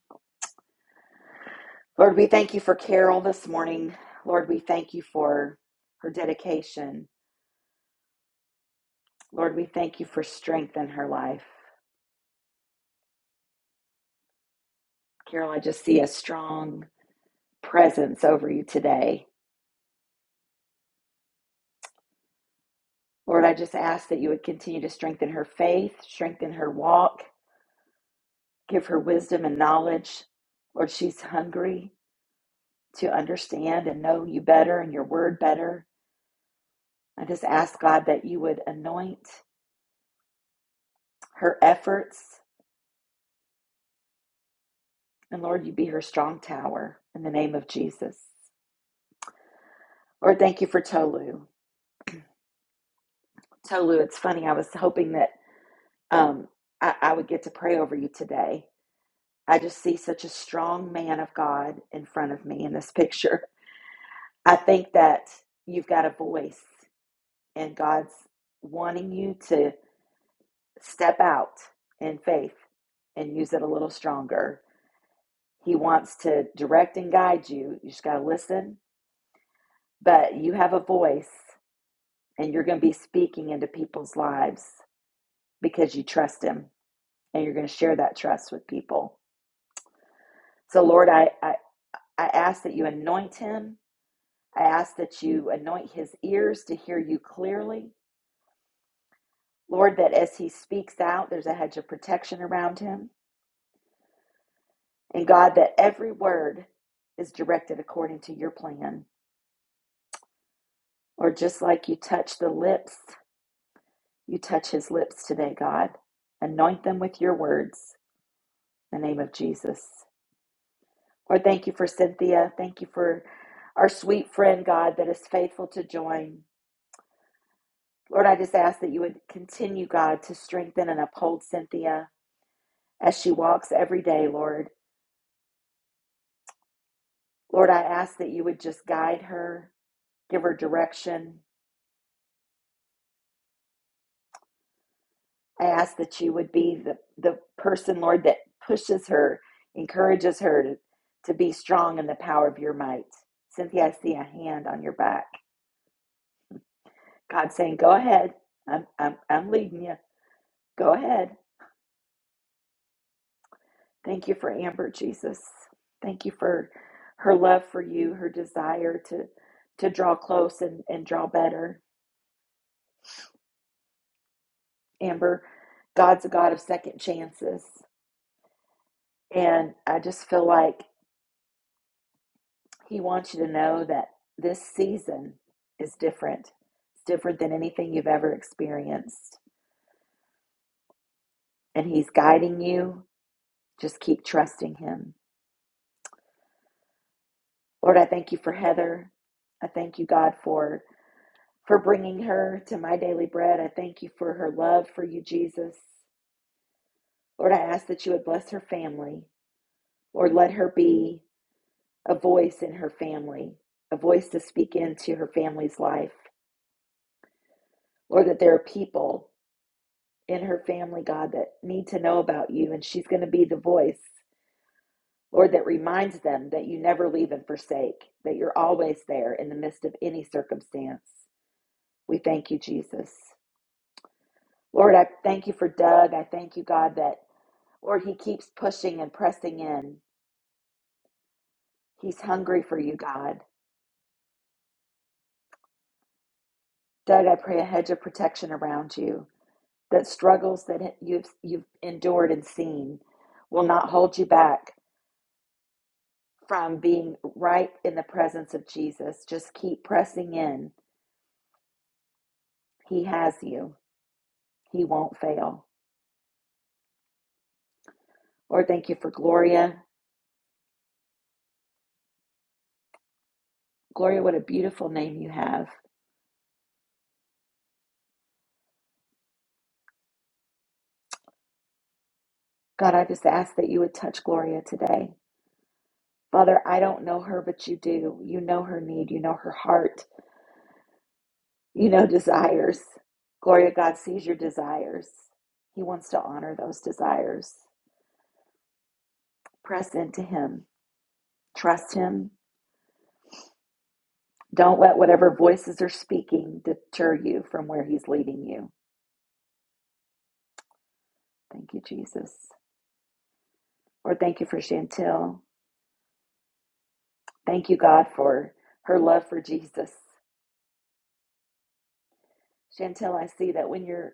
A: Lord, we thank you for Carol this morning. Lord, we thank you for her dedication. Lord, we thank you for strength in her life. Carol, I just see a strong presence over you today. Lord, I just ask that you would continue to strengthen her faith, strengthen her walk, give her wisdom and knowledge. Lord, she's hungry to understand and know you better and your word better. I just ask, God, that you would anoint her efforts. And Lord, you be her strong tower in the name of Jesus. Lord, thank you for Tolu. Tolu, it's funny. I was hoping that um, I, I would get to pray over you today I just see such a strong man of God in front of me in this picture. I think that you've got a voice, and God's wanting you to step out in faith and use it a little stronger. He wants to direct and guide you. You just got to listen, but you have a voice, and you're going to be speaking into people's lives because you trust Him and you're going to share that trust with people. So, Lord, I, I, I ask that you anoint Him I ask that you anoint his ears to hear you clearly. Lord, that as he speaks out, there's a hedge of protection around him. And God, that every word is directed according to your plan. Lord, just like you touch the lips, you touch his lips today, God. Anoint them with your words in the name of Jesus. Lord, thank you for Cynthia. Thank you for our sweet friend, God, that is faithful to join. Lord, I just ask that you would continue, God, to strengthen and uphold Cynthia. as she walks every day, Lord. Lord, I ask that you would just guide her, give her direction. I ask that you would be the, the person, Lord, that pushes her, encourages her to, to be strong in the power of your might. Cynthia, I see a hand on your back. God saying, Go ahead. I'm, I'm, I'm leading you. Go ahead. Thank you for Amber, Jesus. Thank you for her love for you, her desire to, to draw close and, and draw better. Amber, God's a God of second chances. And I just feel like He wants you to know that this season is different. It's different than anything you've ever experienced. And He's guiding you. Just keep trusting Him. Lord, I thank you for Heather. I thank you, God, for. For bringing her to my daily bread. I thank you for her love for you, Jesus. Lord, I ask that you would bless her family. Lord, let her be a voice in her family, a voice to speak into her family's life. Lord, that there are people in her family, God, that need to know about you, and she's going to be the voice, Lord, that reminds them that you never leave and forsake, that you're always there in the midst of any circumstance. We thank you, Jesus. Lord, I thank you for Doug. I thank you, God, that, Lord, he keeps pushing and pressing in. He's hungry for you, God. Doug, I pray a hedge of protection around you. that struggles that you've you've endured and seen will not hold you back from being right in the presence of Jesus. Just keep pressing in. He has you. He won't fail. Lord, thank you for Gloria. Gloria, what a beautiful name you have. God, I just ask that you would touch Gloria today. Father, I don't know her, but you do. You know her need. You know her heart. You know desires. Gloria, God sees your desires. He wants to honor those desires. Press into Him Trust Him. Don't let whatever voices are speaking deter you from where He's leading you. Thank you, Jesus. Lord, thank you for Chantel. Thank you, God, for her love for Jesus. Chantel, I see that when you're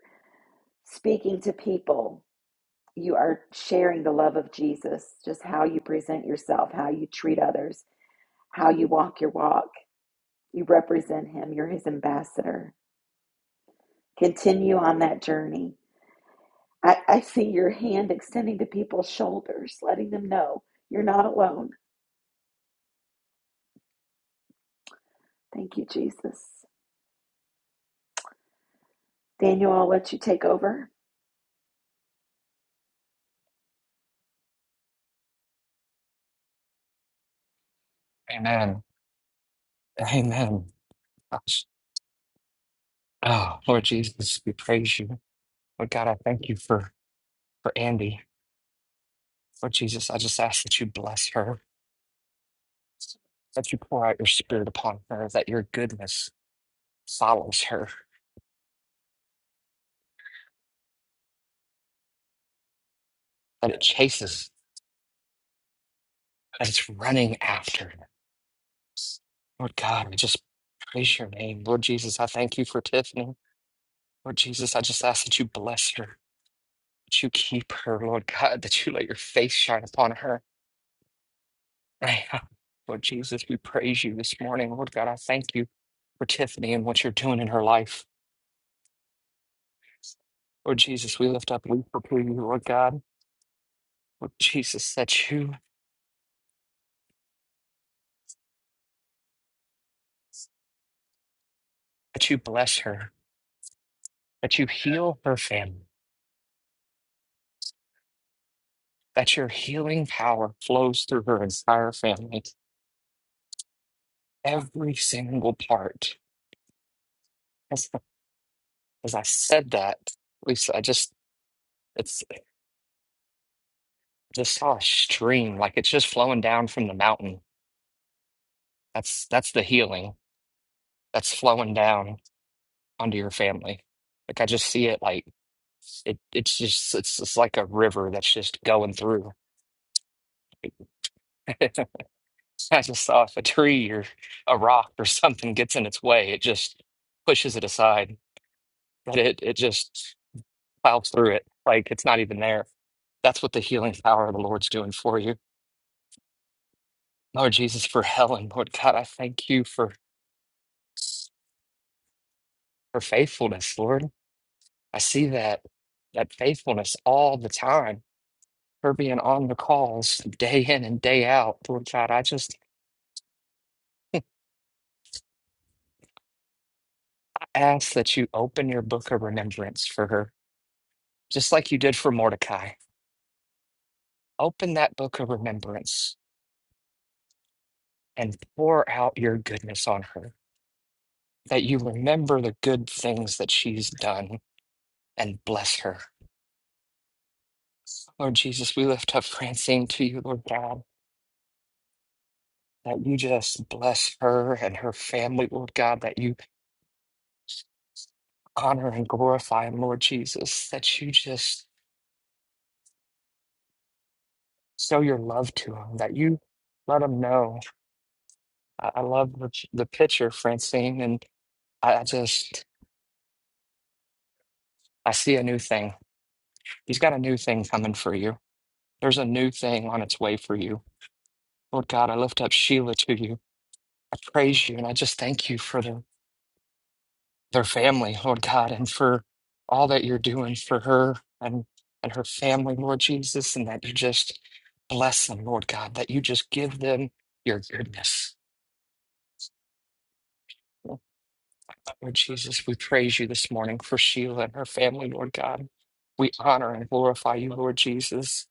A: speaking to people, you are sharing the love of Jesus, just how you present yourself, how you treat others, how you walk your walk. You represent Him, you're His ambassador. Continue on that journey I, I see your hand extending to people's shoulders, letting them know you're not alone. Thank you, Jesus. Daniel, I'll let you take over.
D: Amen. Amen. Gosh. Oh, Lord Jesus, we praise you. Lord God, I thank you for, for Andy. Lord Jesus, I just ask that you bless her, that you pour out your spirit upon her, that your goodness follows her, that it chases, that it's running after her. Lord God, I just praise your name. Lord Jesus, I thank you for Tiffany. Lord Jesus, I just ask that you bless her. that you keep her, Lord God, that you let your face shine upon her right now. Lord Jesus, we praise you this morning. Lord God, I thank you for Tiffany and what you're doing in her life. Lord Jesus, we lift up we for you, Lord God. Lord Jesus, that you that you bless her, that you heal her family, that your healing power flows through her entire family, every single part. As, as I said that, Lisa, I just it's just saw a stream, like it's just flowing down from the mountain That's that's the healing that's flowing down onto your family. Like I just see it like it it's just it's it's like a river that's just going through. I just saw if a tree or a rock or something gets in its way, it just pushes it aside. But it it just plows through it like it's not even there. That's what the healing power of the Lord's doing for you. Lord Jesus, for Helen, Lord God, I thank you for for faithfulness, Lord. I see that that faithfulness all the time for being on the calls day in and day out. Lord God, I just ask that you open your book of remembrance for her, just like you did for Mordecai. Open that book of remembrance and pour out your goodness on her, that you remember the good things that she's done and bless her. Lord Jesus, we lift up Francine to you, Lord God, that you just bless her and her family, Lord God, that you honor and glorify him, Lord Jesus, that you just show your love to them, that you let them know. I, I love the, the picture, Francine, and I, I just, I see a new thing. He's got a new thing coming for you. There's a new thing on its way for you. Lord God, I lift up Sheila to you. I praise you, and I just thank you for their, their family, Lord God, and for all that you're doing for her and, and her family, Lord Jesus, and that you just bless them, Lord God, that you just give them your goodness. Lord Jesus, we praise you this morning for Sheila and her family, Lord God. We honor and glorify you, Lord Jesus.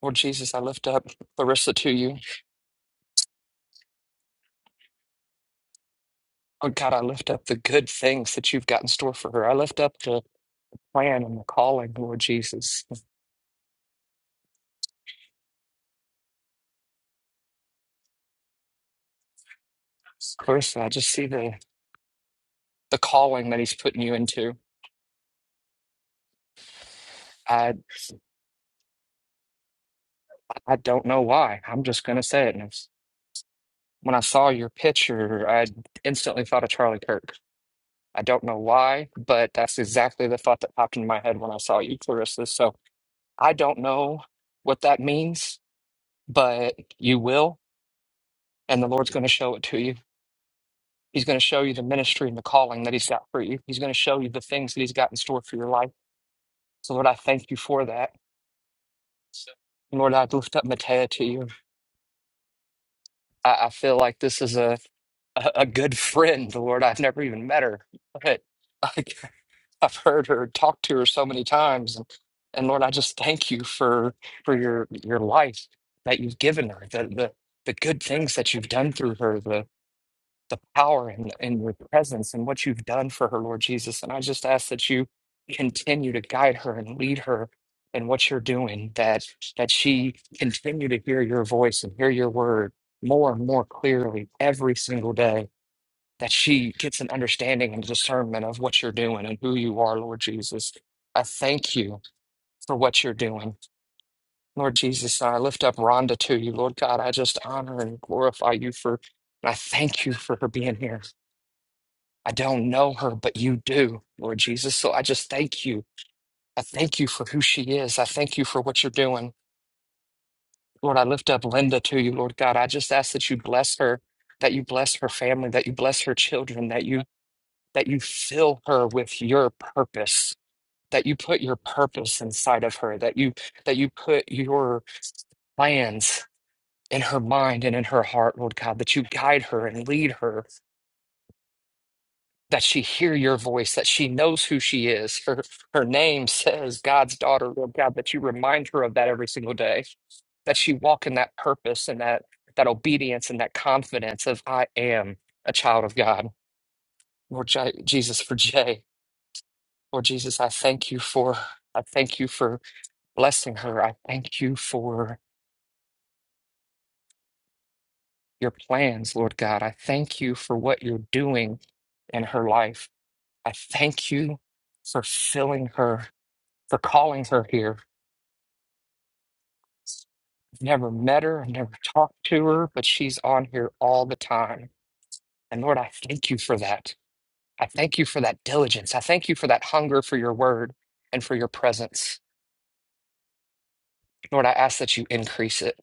D: Lord Jesus, I lift up Larissa to you. Lord God, I lift up the good things that you've got in store for her. I lift up the plan and the calling, Lord Jesus. Larissa, I just see the, the calling that he's putting you into. I I don't know why. I'm just gonna say it. And it's- When I saw your picture, I instantly thought of Charlie Kirk. I don't know why, but that's exactly the thought that popped in my head when I saw you, Clarissa. So I don't know what that means, but you will, and the Lord's going to show it to you. He's going to show you the ministry and the calling that He's got for you. He's going to show you the things that He's got in store for your life. So, Lord, I thank you for that. Lord, I lift up Matea to you. I, I feel like this is a a a good friend, Lord. I've never even met her, but I've heard her talk to her so many times. And, and Lord, I just thank you for for your your life that you've given her, the the, the good things that you've done through her, the the power and and your presence and what you've done for her, Lord Jesus. And I just ask that you continue to guide her and lead her in what you're doing, that that she continue to hear your voice and hear your word more and more clearly every single day that she gets an understanding and discernment of what you're doing and who you are, Lord Jesus. I thank you for what you're doing, Lord Jesus. I lift up Rhonda to you, Lord God. I just honor and glorify you for, I thank you for her being here. I don't know her, but you do, Lord Jesus. So I just thank you. I thank you for who she is. I thank you for what you're doing. Lord, I lift up Linda to you, Lord God. I just ask that you bless her, that you bless her family, that you bless her children, that you that you fill her with your purpose that you put your purpose inside of her that you that you put your plans in her mind and in her heart lord god that you guide her and lead her that she hear your voice that she knows who she is her her name says god's daughter lord god that you remind her of that every single day that she walk in that purpose and that that obedience and that confidence of i am a child of god lord Je- jesus for jay Lord Jesus, I thank you for I thank you for blessing her. I thank you for your plans, Lord God. I thank you for what you're doing in her life. I thank you for filling her, for calling her here. I've never met her, I've never talked to her, but she's on here all the time. And Lord, I thank you for that. I thank you for that diligence. I thank you for that hunger for your word and for your presence. Lord, I ask that you increase it.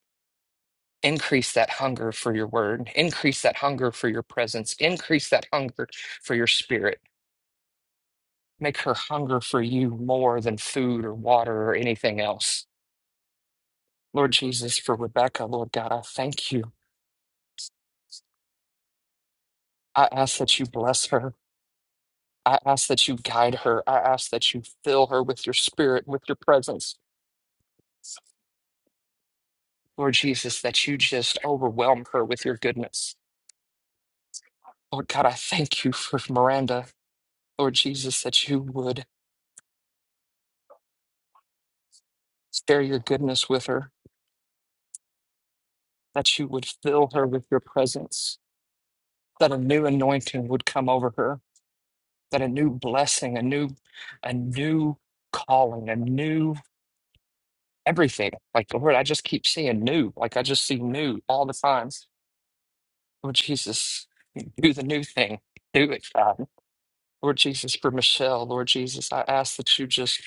D: Increase that hunger for your word. Increase that hunger for your presence. Increase that hunger for your spirit. Make her hunger for you more than food or water or anything else. Lord Jesus, for Rebecca, Lord God, I thank you. I ask that you bless her. I ask that you guide her. I ask that you fill her with your spirit, with your presence. Lord Jesus, that you just overwhelm her with your goodness. Lord God, I thank you for Miranda. Lord Jesus, that you would share your goodness with her. that you would fill her with your presence, that a new anointing would come over her, that a new blessing, a new, a new calling, a new everything. Like Lord, I just keep seeing new. Like I just see new all the time. Lord Jesus, do the new thing. Do it, God. Lord Jesus, for Michelle, Lord Jesus, I ask that you just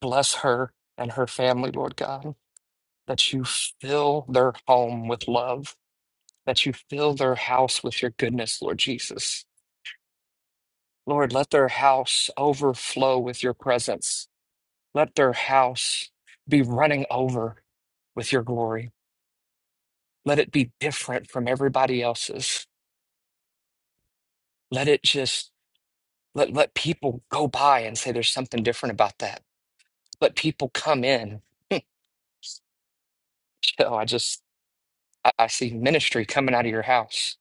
D: bless her and her family, Lord God, that you fill their home with love, that you fill their house with your goodness, Lord Jesus Lord, let their house overflow with your presence. Let their house be running over with your glory. Let it be different from everybody else's. Let it just let let people go by and say there's something different about that. Let people come in. so I just I, I see ministry coming out of your house.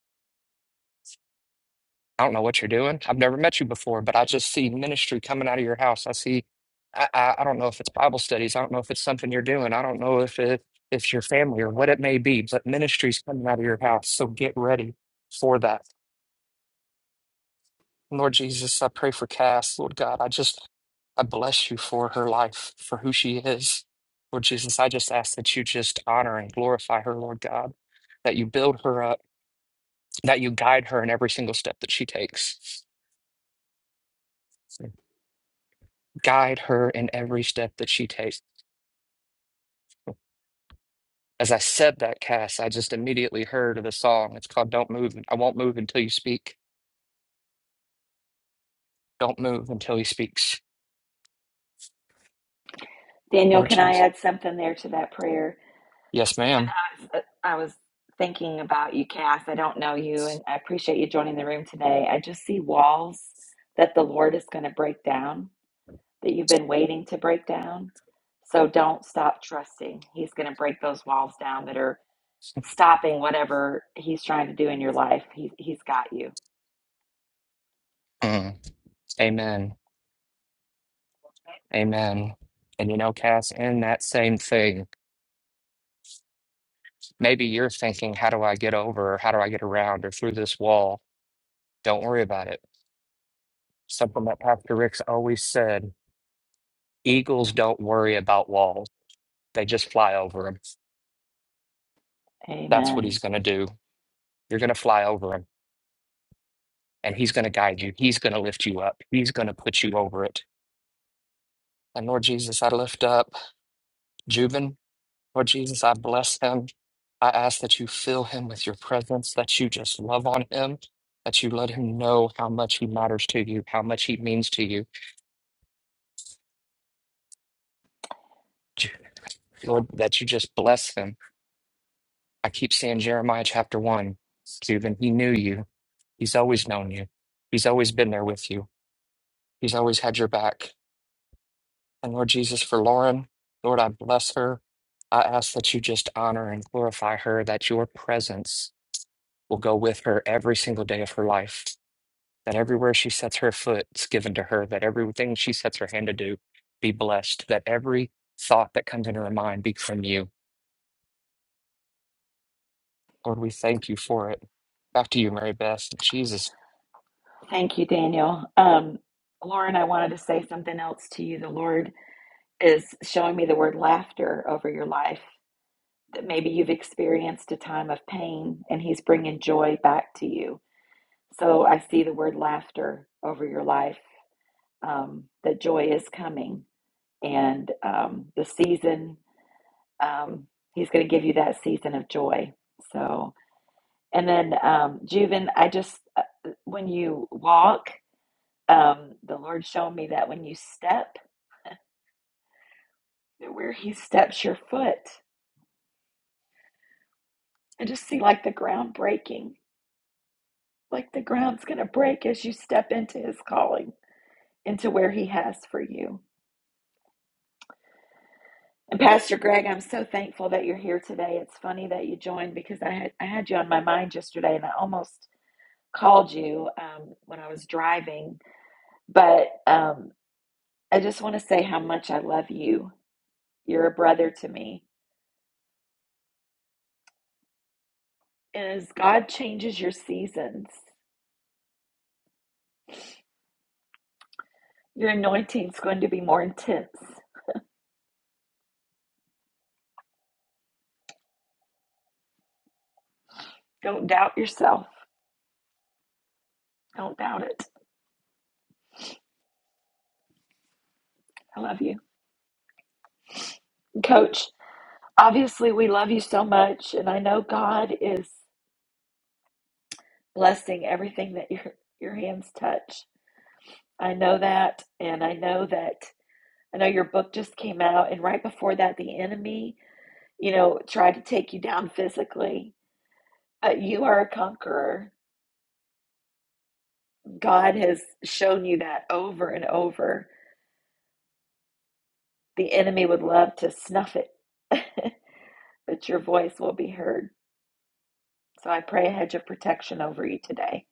D: I don't know what you're doing. I've never met you before, but I just see ministry coming out of your house. I see, I, I, I don't know if it's Bible studies. I don't know if it's something you're doing. I don't know if it, it's your family or what it may be, but ministry's coming out of your house. So get ready for that. Lord Jesus, I pray for Cass. Lord God, I just, I bless you for her life, for who she is. Lord Jesus, I just ask that you just honor and glorify her, Lord God, that you build her up, that you guide her in every single step that she takes. guide her in every step that she takes. As I said that, Cass, I just immediately heard of the song. It's called Don't Move. I won't move until you speak. Don't move until he speaks.
A: Daniel,
D: Lord
A: can I
D: Jesus.
A: add something there to that prayer?
D: Yes,
A: When
D: ma'am.
A: I was, uh, I was thinking about you, Cass. I don't know you, and I appreciate you joining the room today. I just see walls that the Lord is going to break down, that you've been waiting to break down. So don't stop trusting. He's going to break those walls down that are stopping whatever he's trying to do in your life. He, he's got you.
D: Mm. Amen. Amen. And you know, Cass, in that same thing, maybe you're thinking, how do I get over or how do I get around or through this wall? Don't worry about it. Something that Pastor Rick's always said eagles don't worry about walls, they just fly over them. That's what he's
A: Amen.
D: going to do. You're going to fly over him and he's going to guide you. He's going to lift you up. He's going to put you over it. And Lord Jesus, I lift up Jubin. Lord Jesus, I bless him. I ask that you fill him with your presence, that you just love on him, that you let him know how much he matters to you, how much he means to you. Ju- Lord, that you just bless him. I keep saying Jeremiah chapter 1, Jubin, he knew you. He's always known you. He's always been there with you. He's always had your back. And Lord Jesus, for Lauren, Lord, I bless her. I ask that you just honor and glorify her, that your presence will go with her every single day of her life, that everywhere she sets her foot is given to her, that everything she sets her hand to do be blessed, that every thought that comes into her mind be from you. Lord, we thank you for it. Back to you, Mary Beth. Jesus.
A: Thank you, Daniel. Um, Lauren, I wanted to say something else to you. The Lord is showing me the word laughter over your life. That maybe you've experienced a time of pain and He's bringing joy back to you. So I see the word laughter over your life, um, that joy is coming. And um, the season, um, He's going to give you that season of joy. So And then, um, Juven, I just, uh, when you walk, um, the Lord showed me that when you step, that where He steps your foot, I just see like the ground breaking, like the ground's going to break as you step into His calling, into where He has for you. And Pastor Greg, I'm so thankful that you're here today. It's funny that you joined because I had, I had you on my mind yesterday and I almost called you um, when I was driving. But um, I just want to say how much I love you You're a brother to me. And as God changes your seasons, your anointing's going to be more intense. Don't doubt yourself. Don't doubt it. I love you. Coach, obviously we love you so much. And I know God is blessing everything that your your hands touch. I know that. And I know that I know your book just came out. And right before that, the enemy, you know, tried to take you down physically. But you are a conqueror God has shown you that over and over. The enemy would love to snuff it, but your voice will be heard. So I pray a hedge of protection over you today.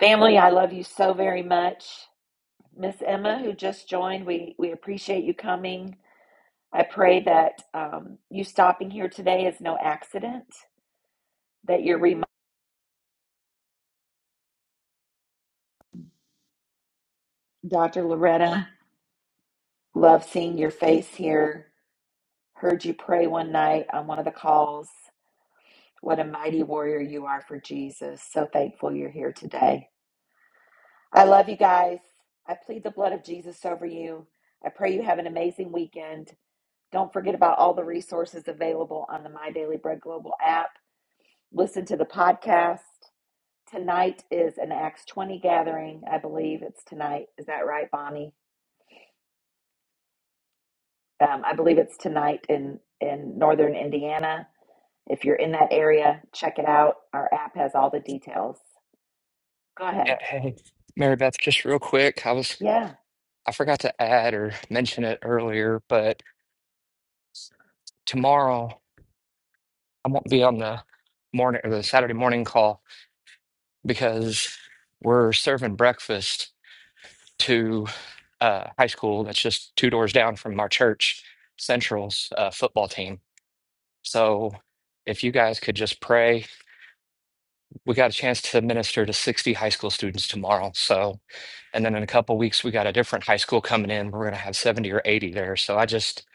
A: Family, I love you so very much. Miss Emma, who just joined, we, we appreciate you coming. I pray that um, you stopping here today is no accident, that you're reminded. Dr. Loretta, love seeing your face here. Heard you pray one night on one of the calls What a mighty warrior you are for Jesus. So thankful you're here today. I love you guys. I plead the blood of Jesus over you. I pray you have an amazing weekend. Don't forget about all the resources available on the My Daily Bread Global app. Listen to the podcast. Tonight is an Acts 20 gathering. I believe it's tonight. Is that right, Bonnie? Um, I believe it's tonight in, in northern Indiana. If you're in that area, check it out. Our app has all the details. Go
D: Eh,
A: ahead.
D: Hey, Mary Beth, just real quick, I was
A: Yeah.
D: I forgot to add or mention it earlier, but tomorrow. I won't be on the morning or the Saturday morning call because we're serving breakfast to uh, high school that's just two doors down from our church central's uh, football team. So if you guys could just pray, we got a chance to minister to 60 high school students tomorrow. So, and then in a couple weeks, we got a different high school coming in. We're going to have 70 or 80 there. So I just,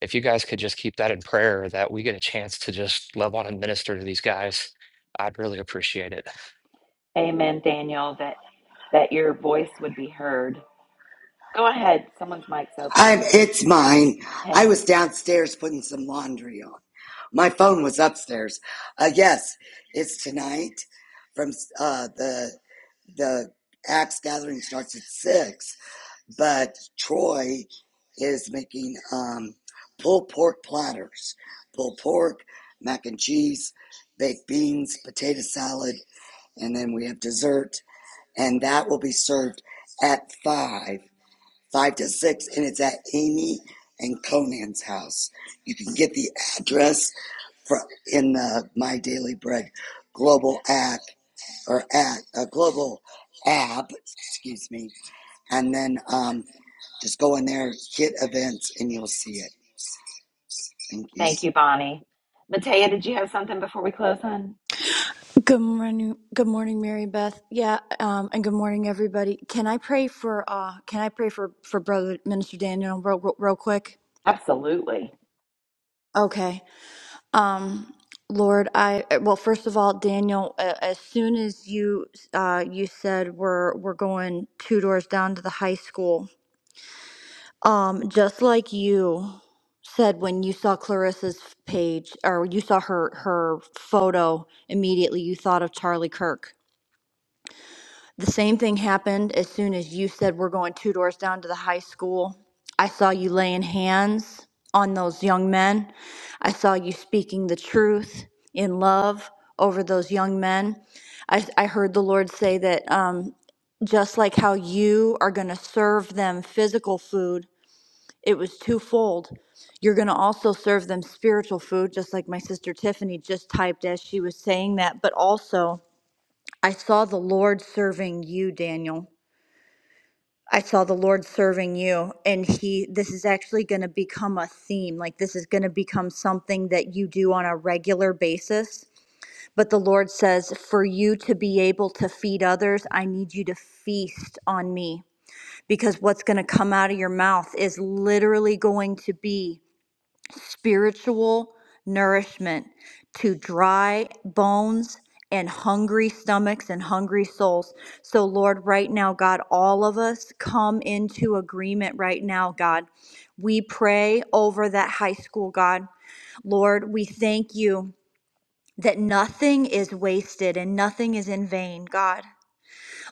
D: if you guys could just keep that in prayer that we get a chance to just love on and minister to these guys, I'd really appreciate it.
A: Amen, Daniel, that that your voice would be heard. Go ahead. Someone's mic's
I: I,
A: open.
I: it's mine. I
A: Hey,
I: was downstairs putting some laundry on. My phone was upstairs. Uh, yes, it's tonight. From uh, the the Axe gathering starts at six, but Troy is making um, pulled pork platters, pulled pork, mac and cheese, baked beans, potato salad, and then we have dessert, and that will be served at five 5 to 6, and it's at Amy and Conan's house. You can get the address from, in the My Daily Bread global app or at a global app, excuse me, and then um, just go in there, hit events, and you'll see it. Thank you.
A: thank you, Bonnie. Matea, did you have something before we close, hon?
J: Good morning, good morning, Mary Beth. Yeah, um, and good morning, everybody. Can I pray for? Uh, can I pray for for Brother Minister Daniel real, real real quick?
A: Absolutely.
J: Okay. Um, Lord, I well, first of all, Daniel, a- as soon as you uh, you said we're we're going two doors down to the high school, um, just like you said when you saw Clarissa's page or you saw her her photo, immediately you thought of Charlie Kirk The same thing happened as soon as you said we're going two doors down to the high school. I saw you laying hands on those young men. I saw you speaking the truth in love over those young men. I, I heard the Lord say that um, just like how you are going to serve them physical food, it was twofold. You're going to also serve them spiritual food, just like my sister Tiffany just typed as she was saying that, but also I saw the Lord serving you, Daniel. I saw the Lord serving you. And he, this is actually going to become a theme. Like, this is going to become something that you do on a regular basis. But the Lord says, for you to be able to feed others, I need you to feast on me. Because what's going to come out of your mouth is literally going to be spiritual nourishment to dry bones and hungry stomachs and hungry souls. So, Lord, right now, God, all of us come into agreement right now, God. We pray over that high school, God. Lord, we thank you that nothing is wasted and nothing is in vain, God.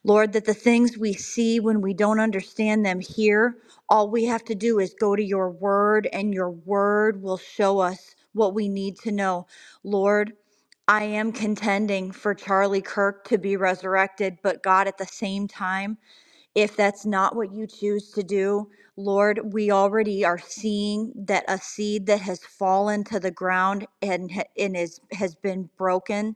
J: Lord, that the things we see when we don't understand them here, all we have to do is go to your word, and your word will show us what we need to know. Lord, I am contending for Charlie Kirk to be resurrected, but God, at the same time, if that's not what you choose to do, Lord, we already are seeing that a seed that has fallen to the ground and, ha- and is, has been broken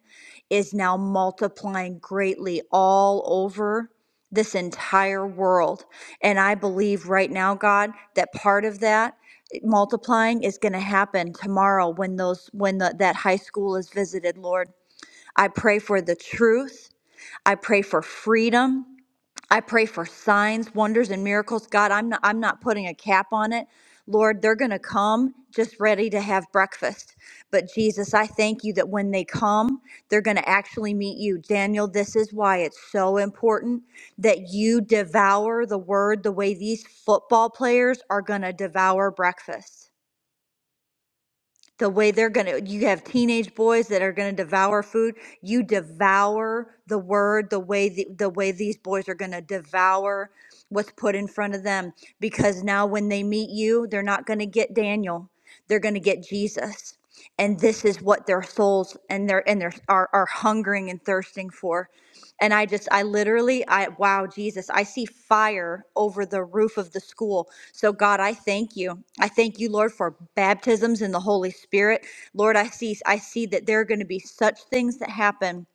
J: is now multiplying greatly all over this entire world. And I believe right now, God, that part of that eh, multiplying is going to happen tomorrow when those when the, that high school is visited, Lord. I pray for the truth. I pray for freedom. I pray for signs, wonders, and miracles. God, I'm not, I'm not putting a cap on it. Lord, they're going to come just ready to have breakfast. But Jesus, I thank you that when they come, they're going to actually meet you. Daniel, this is why it's so important that you devour the word the way these football players are going to devour breakfast. The way they're going to, you have teenage boys that are going to devour food. You devour the word the way the, the way these boys are going to devour what's put in front of them because now when they meet you, they're not going to get Daniel. They're going to get Jesus. And this is what their souls and their and their are, are hungering and thirsting for. And I just I literally I wow Jesus, I see fire over the roof of the school. So God, I thank you. I thank you, Lord, for baptisms in the Holy Spirit. Lord, I see I see that there are going to be such things that happen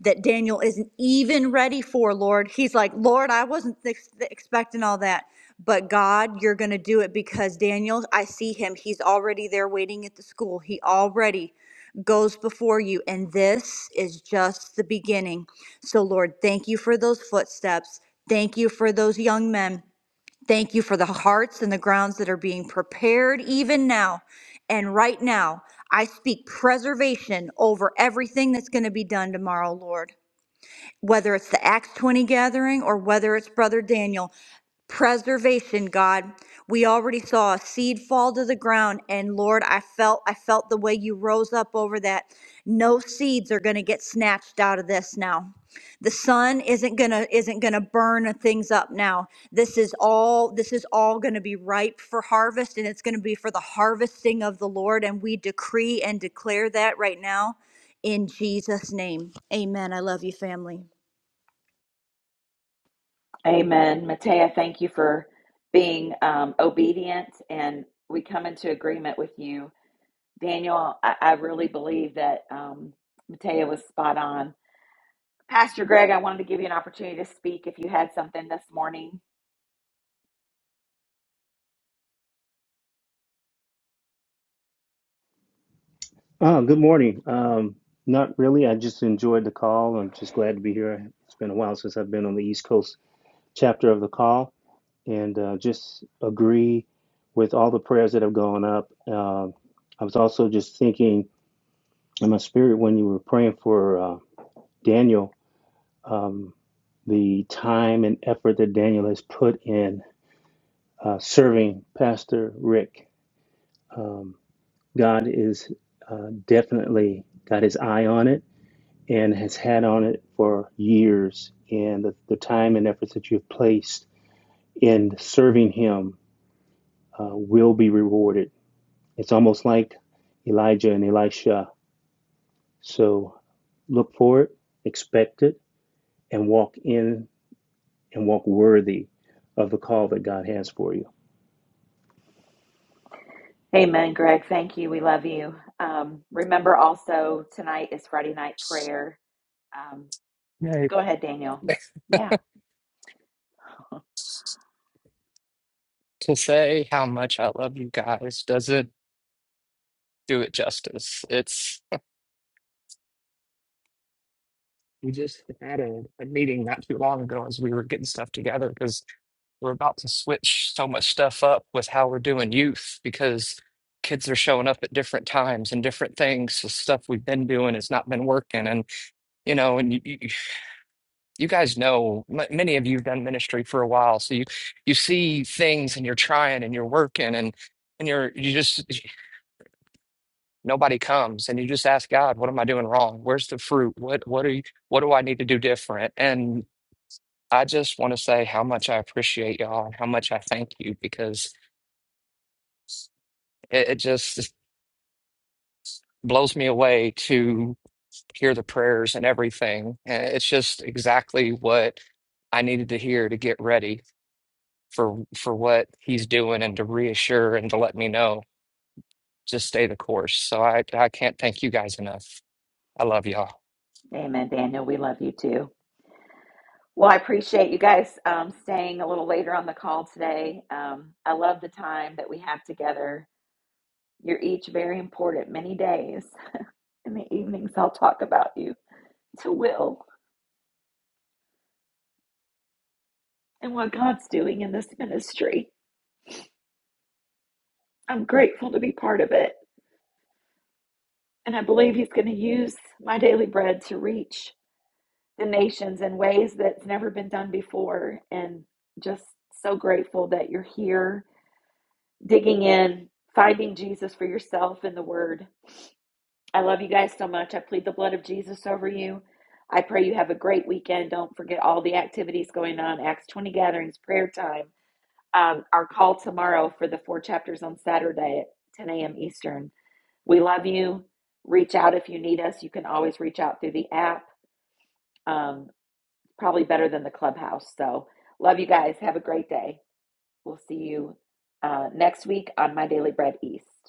J: that Daniel isn't even ready for, Lord. He's like, Lord, I wasn't ex- expecting all that. But God, you're going to do it because Daniel, I see him. He's already there waiting at the school. He already goes before you. And this is just the beginning. So, Lord, thank you for those footsteps. Thank you for those young men. Thank you for the hearts and the grounds that are being prepared even now. And right now, I speak preservation over everything that's going to be done tomorrow, Lord whether it's the Acts 20 gathering or whether it's Brother Daniel, preservation, God. We already saw a seed fall to the ground and Lord, I felt I felt the way you rose up over that. No seeds are going to get snatched out of this now. The sun isn't going to isn't going to burn things up now. This is all this is all going to be ripe for harvest and it's going to be for the harvesting of the Lord and we decree and declare that right now in Jesus name. Amen. I love you family.
A: Amen. Matea, thank you for being um, obedient, and we come into agreement with you. Daniel, I, I really believe that um, Matea was spot on. Pastor Greg, I wanted to give you an opportunity to speak if you had something this morning.
K: Oh, good morning. Um, not really. I just enjoyed the call. I'm just glad to be here. It's been a while since I've been on the East Coast chapter of the call, and uh, just agree with all the prayers that have gone up. Uh, I was also just thinking in my spirit when you were praying for uh, Daniel, um, the time and effort that Daniel has put in uh, serving Pastor Rick. Um, God is uh, definitely got his eye on it and has had on it for years. And the, the time and efforts that you've placed in serving him uh, will be rewarded. It's almost like Elijah and Elisha. So look for it, expect it, and walk in and walk worthy of the call that God has for you.
A: Amen, Greg. Thank you. We love you. Um, remember also, tonight is Friday night prayer. Um,
D: Hey,
A: go ahead, Daniel. Yeah.
D: to say how much I love you guys doesn't do it justice. It's we just had a, a meeting not too long ago as we were getting stuff together because we're about to switch so much stuff up with how we're doing youth because kids are showing up at different times and different things. So stuff we've been doing has not been working, and you know, and you you, you guys know m many of you have done ministry for a while, so you you see things and you're trying and you're working and and you're you just nobody comes and you just ask god what am i doing wrong where's the fruit what what are you what do i need to do different and i just want to say how much i appreciate y'all and how much i thank you because it, it just blows me away to hear the prayers and everything and it's just exactly what i needed to hear to get ready for for what he's doing and to reassure and to let me know just stay the course so i i can't thank you guys enough i love y'all
A: Amen, Daniel. We love you too. Well, I appreciate you guys um, staying a little later on the call today. Um, I love the time that we have together. You're each very important. Many days in the evenings, I'll talk about you to Will and what God's doing in this ministry. I'm grateful to be part of it. And I believe He's going to use my daily bread to reach the nations in ways that's never been done before. And just so grateful that you're here, digging in, finding Jesus for yourself in the Word. I love you guys so much. I plead the blood of Jesus over you. I pray you have a great weekend. Don't forget all the activities going on Acts 20 gatherings, prayer time, um, our call tomorrow for the four chapters on Saturday at 10 a.m. Eastern. We love you. Reach out if you need us. You can always reach out through the app. Um, probably better than the clubhouse. So, love you guys. Have a great day. We'll see you uh, next week on My Daily Bread East.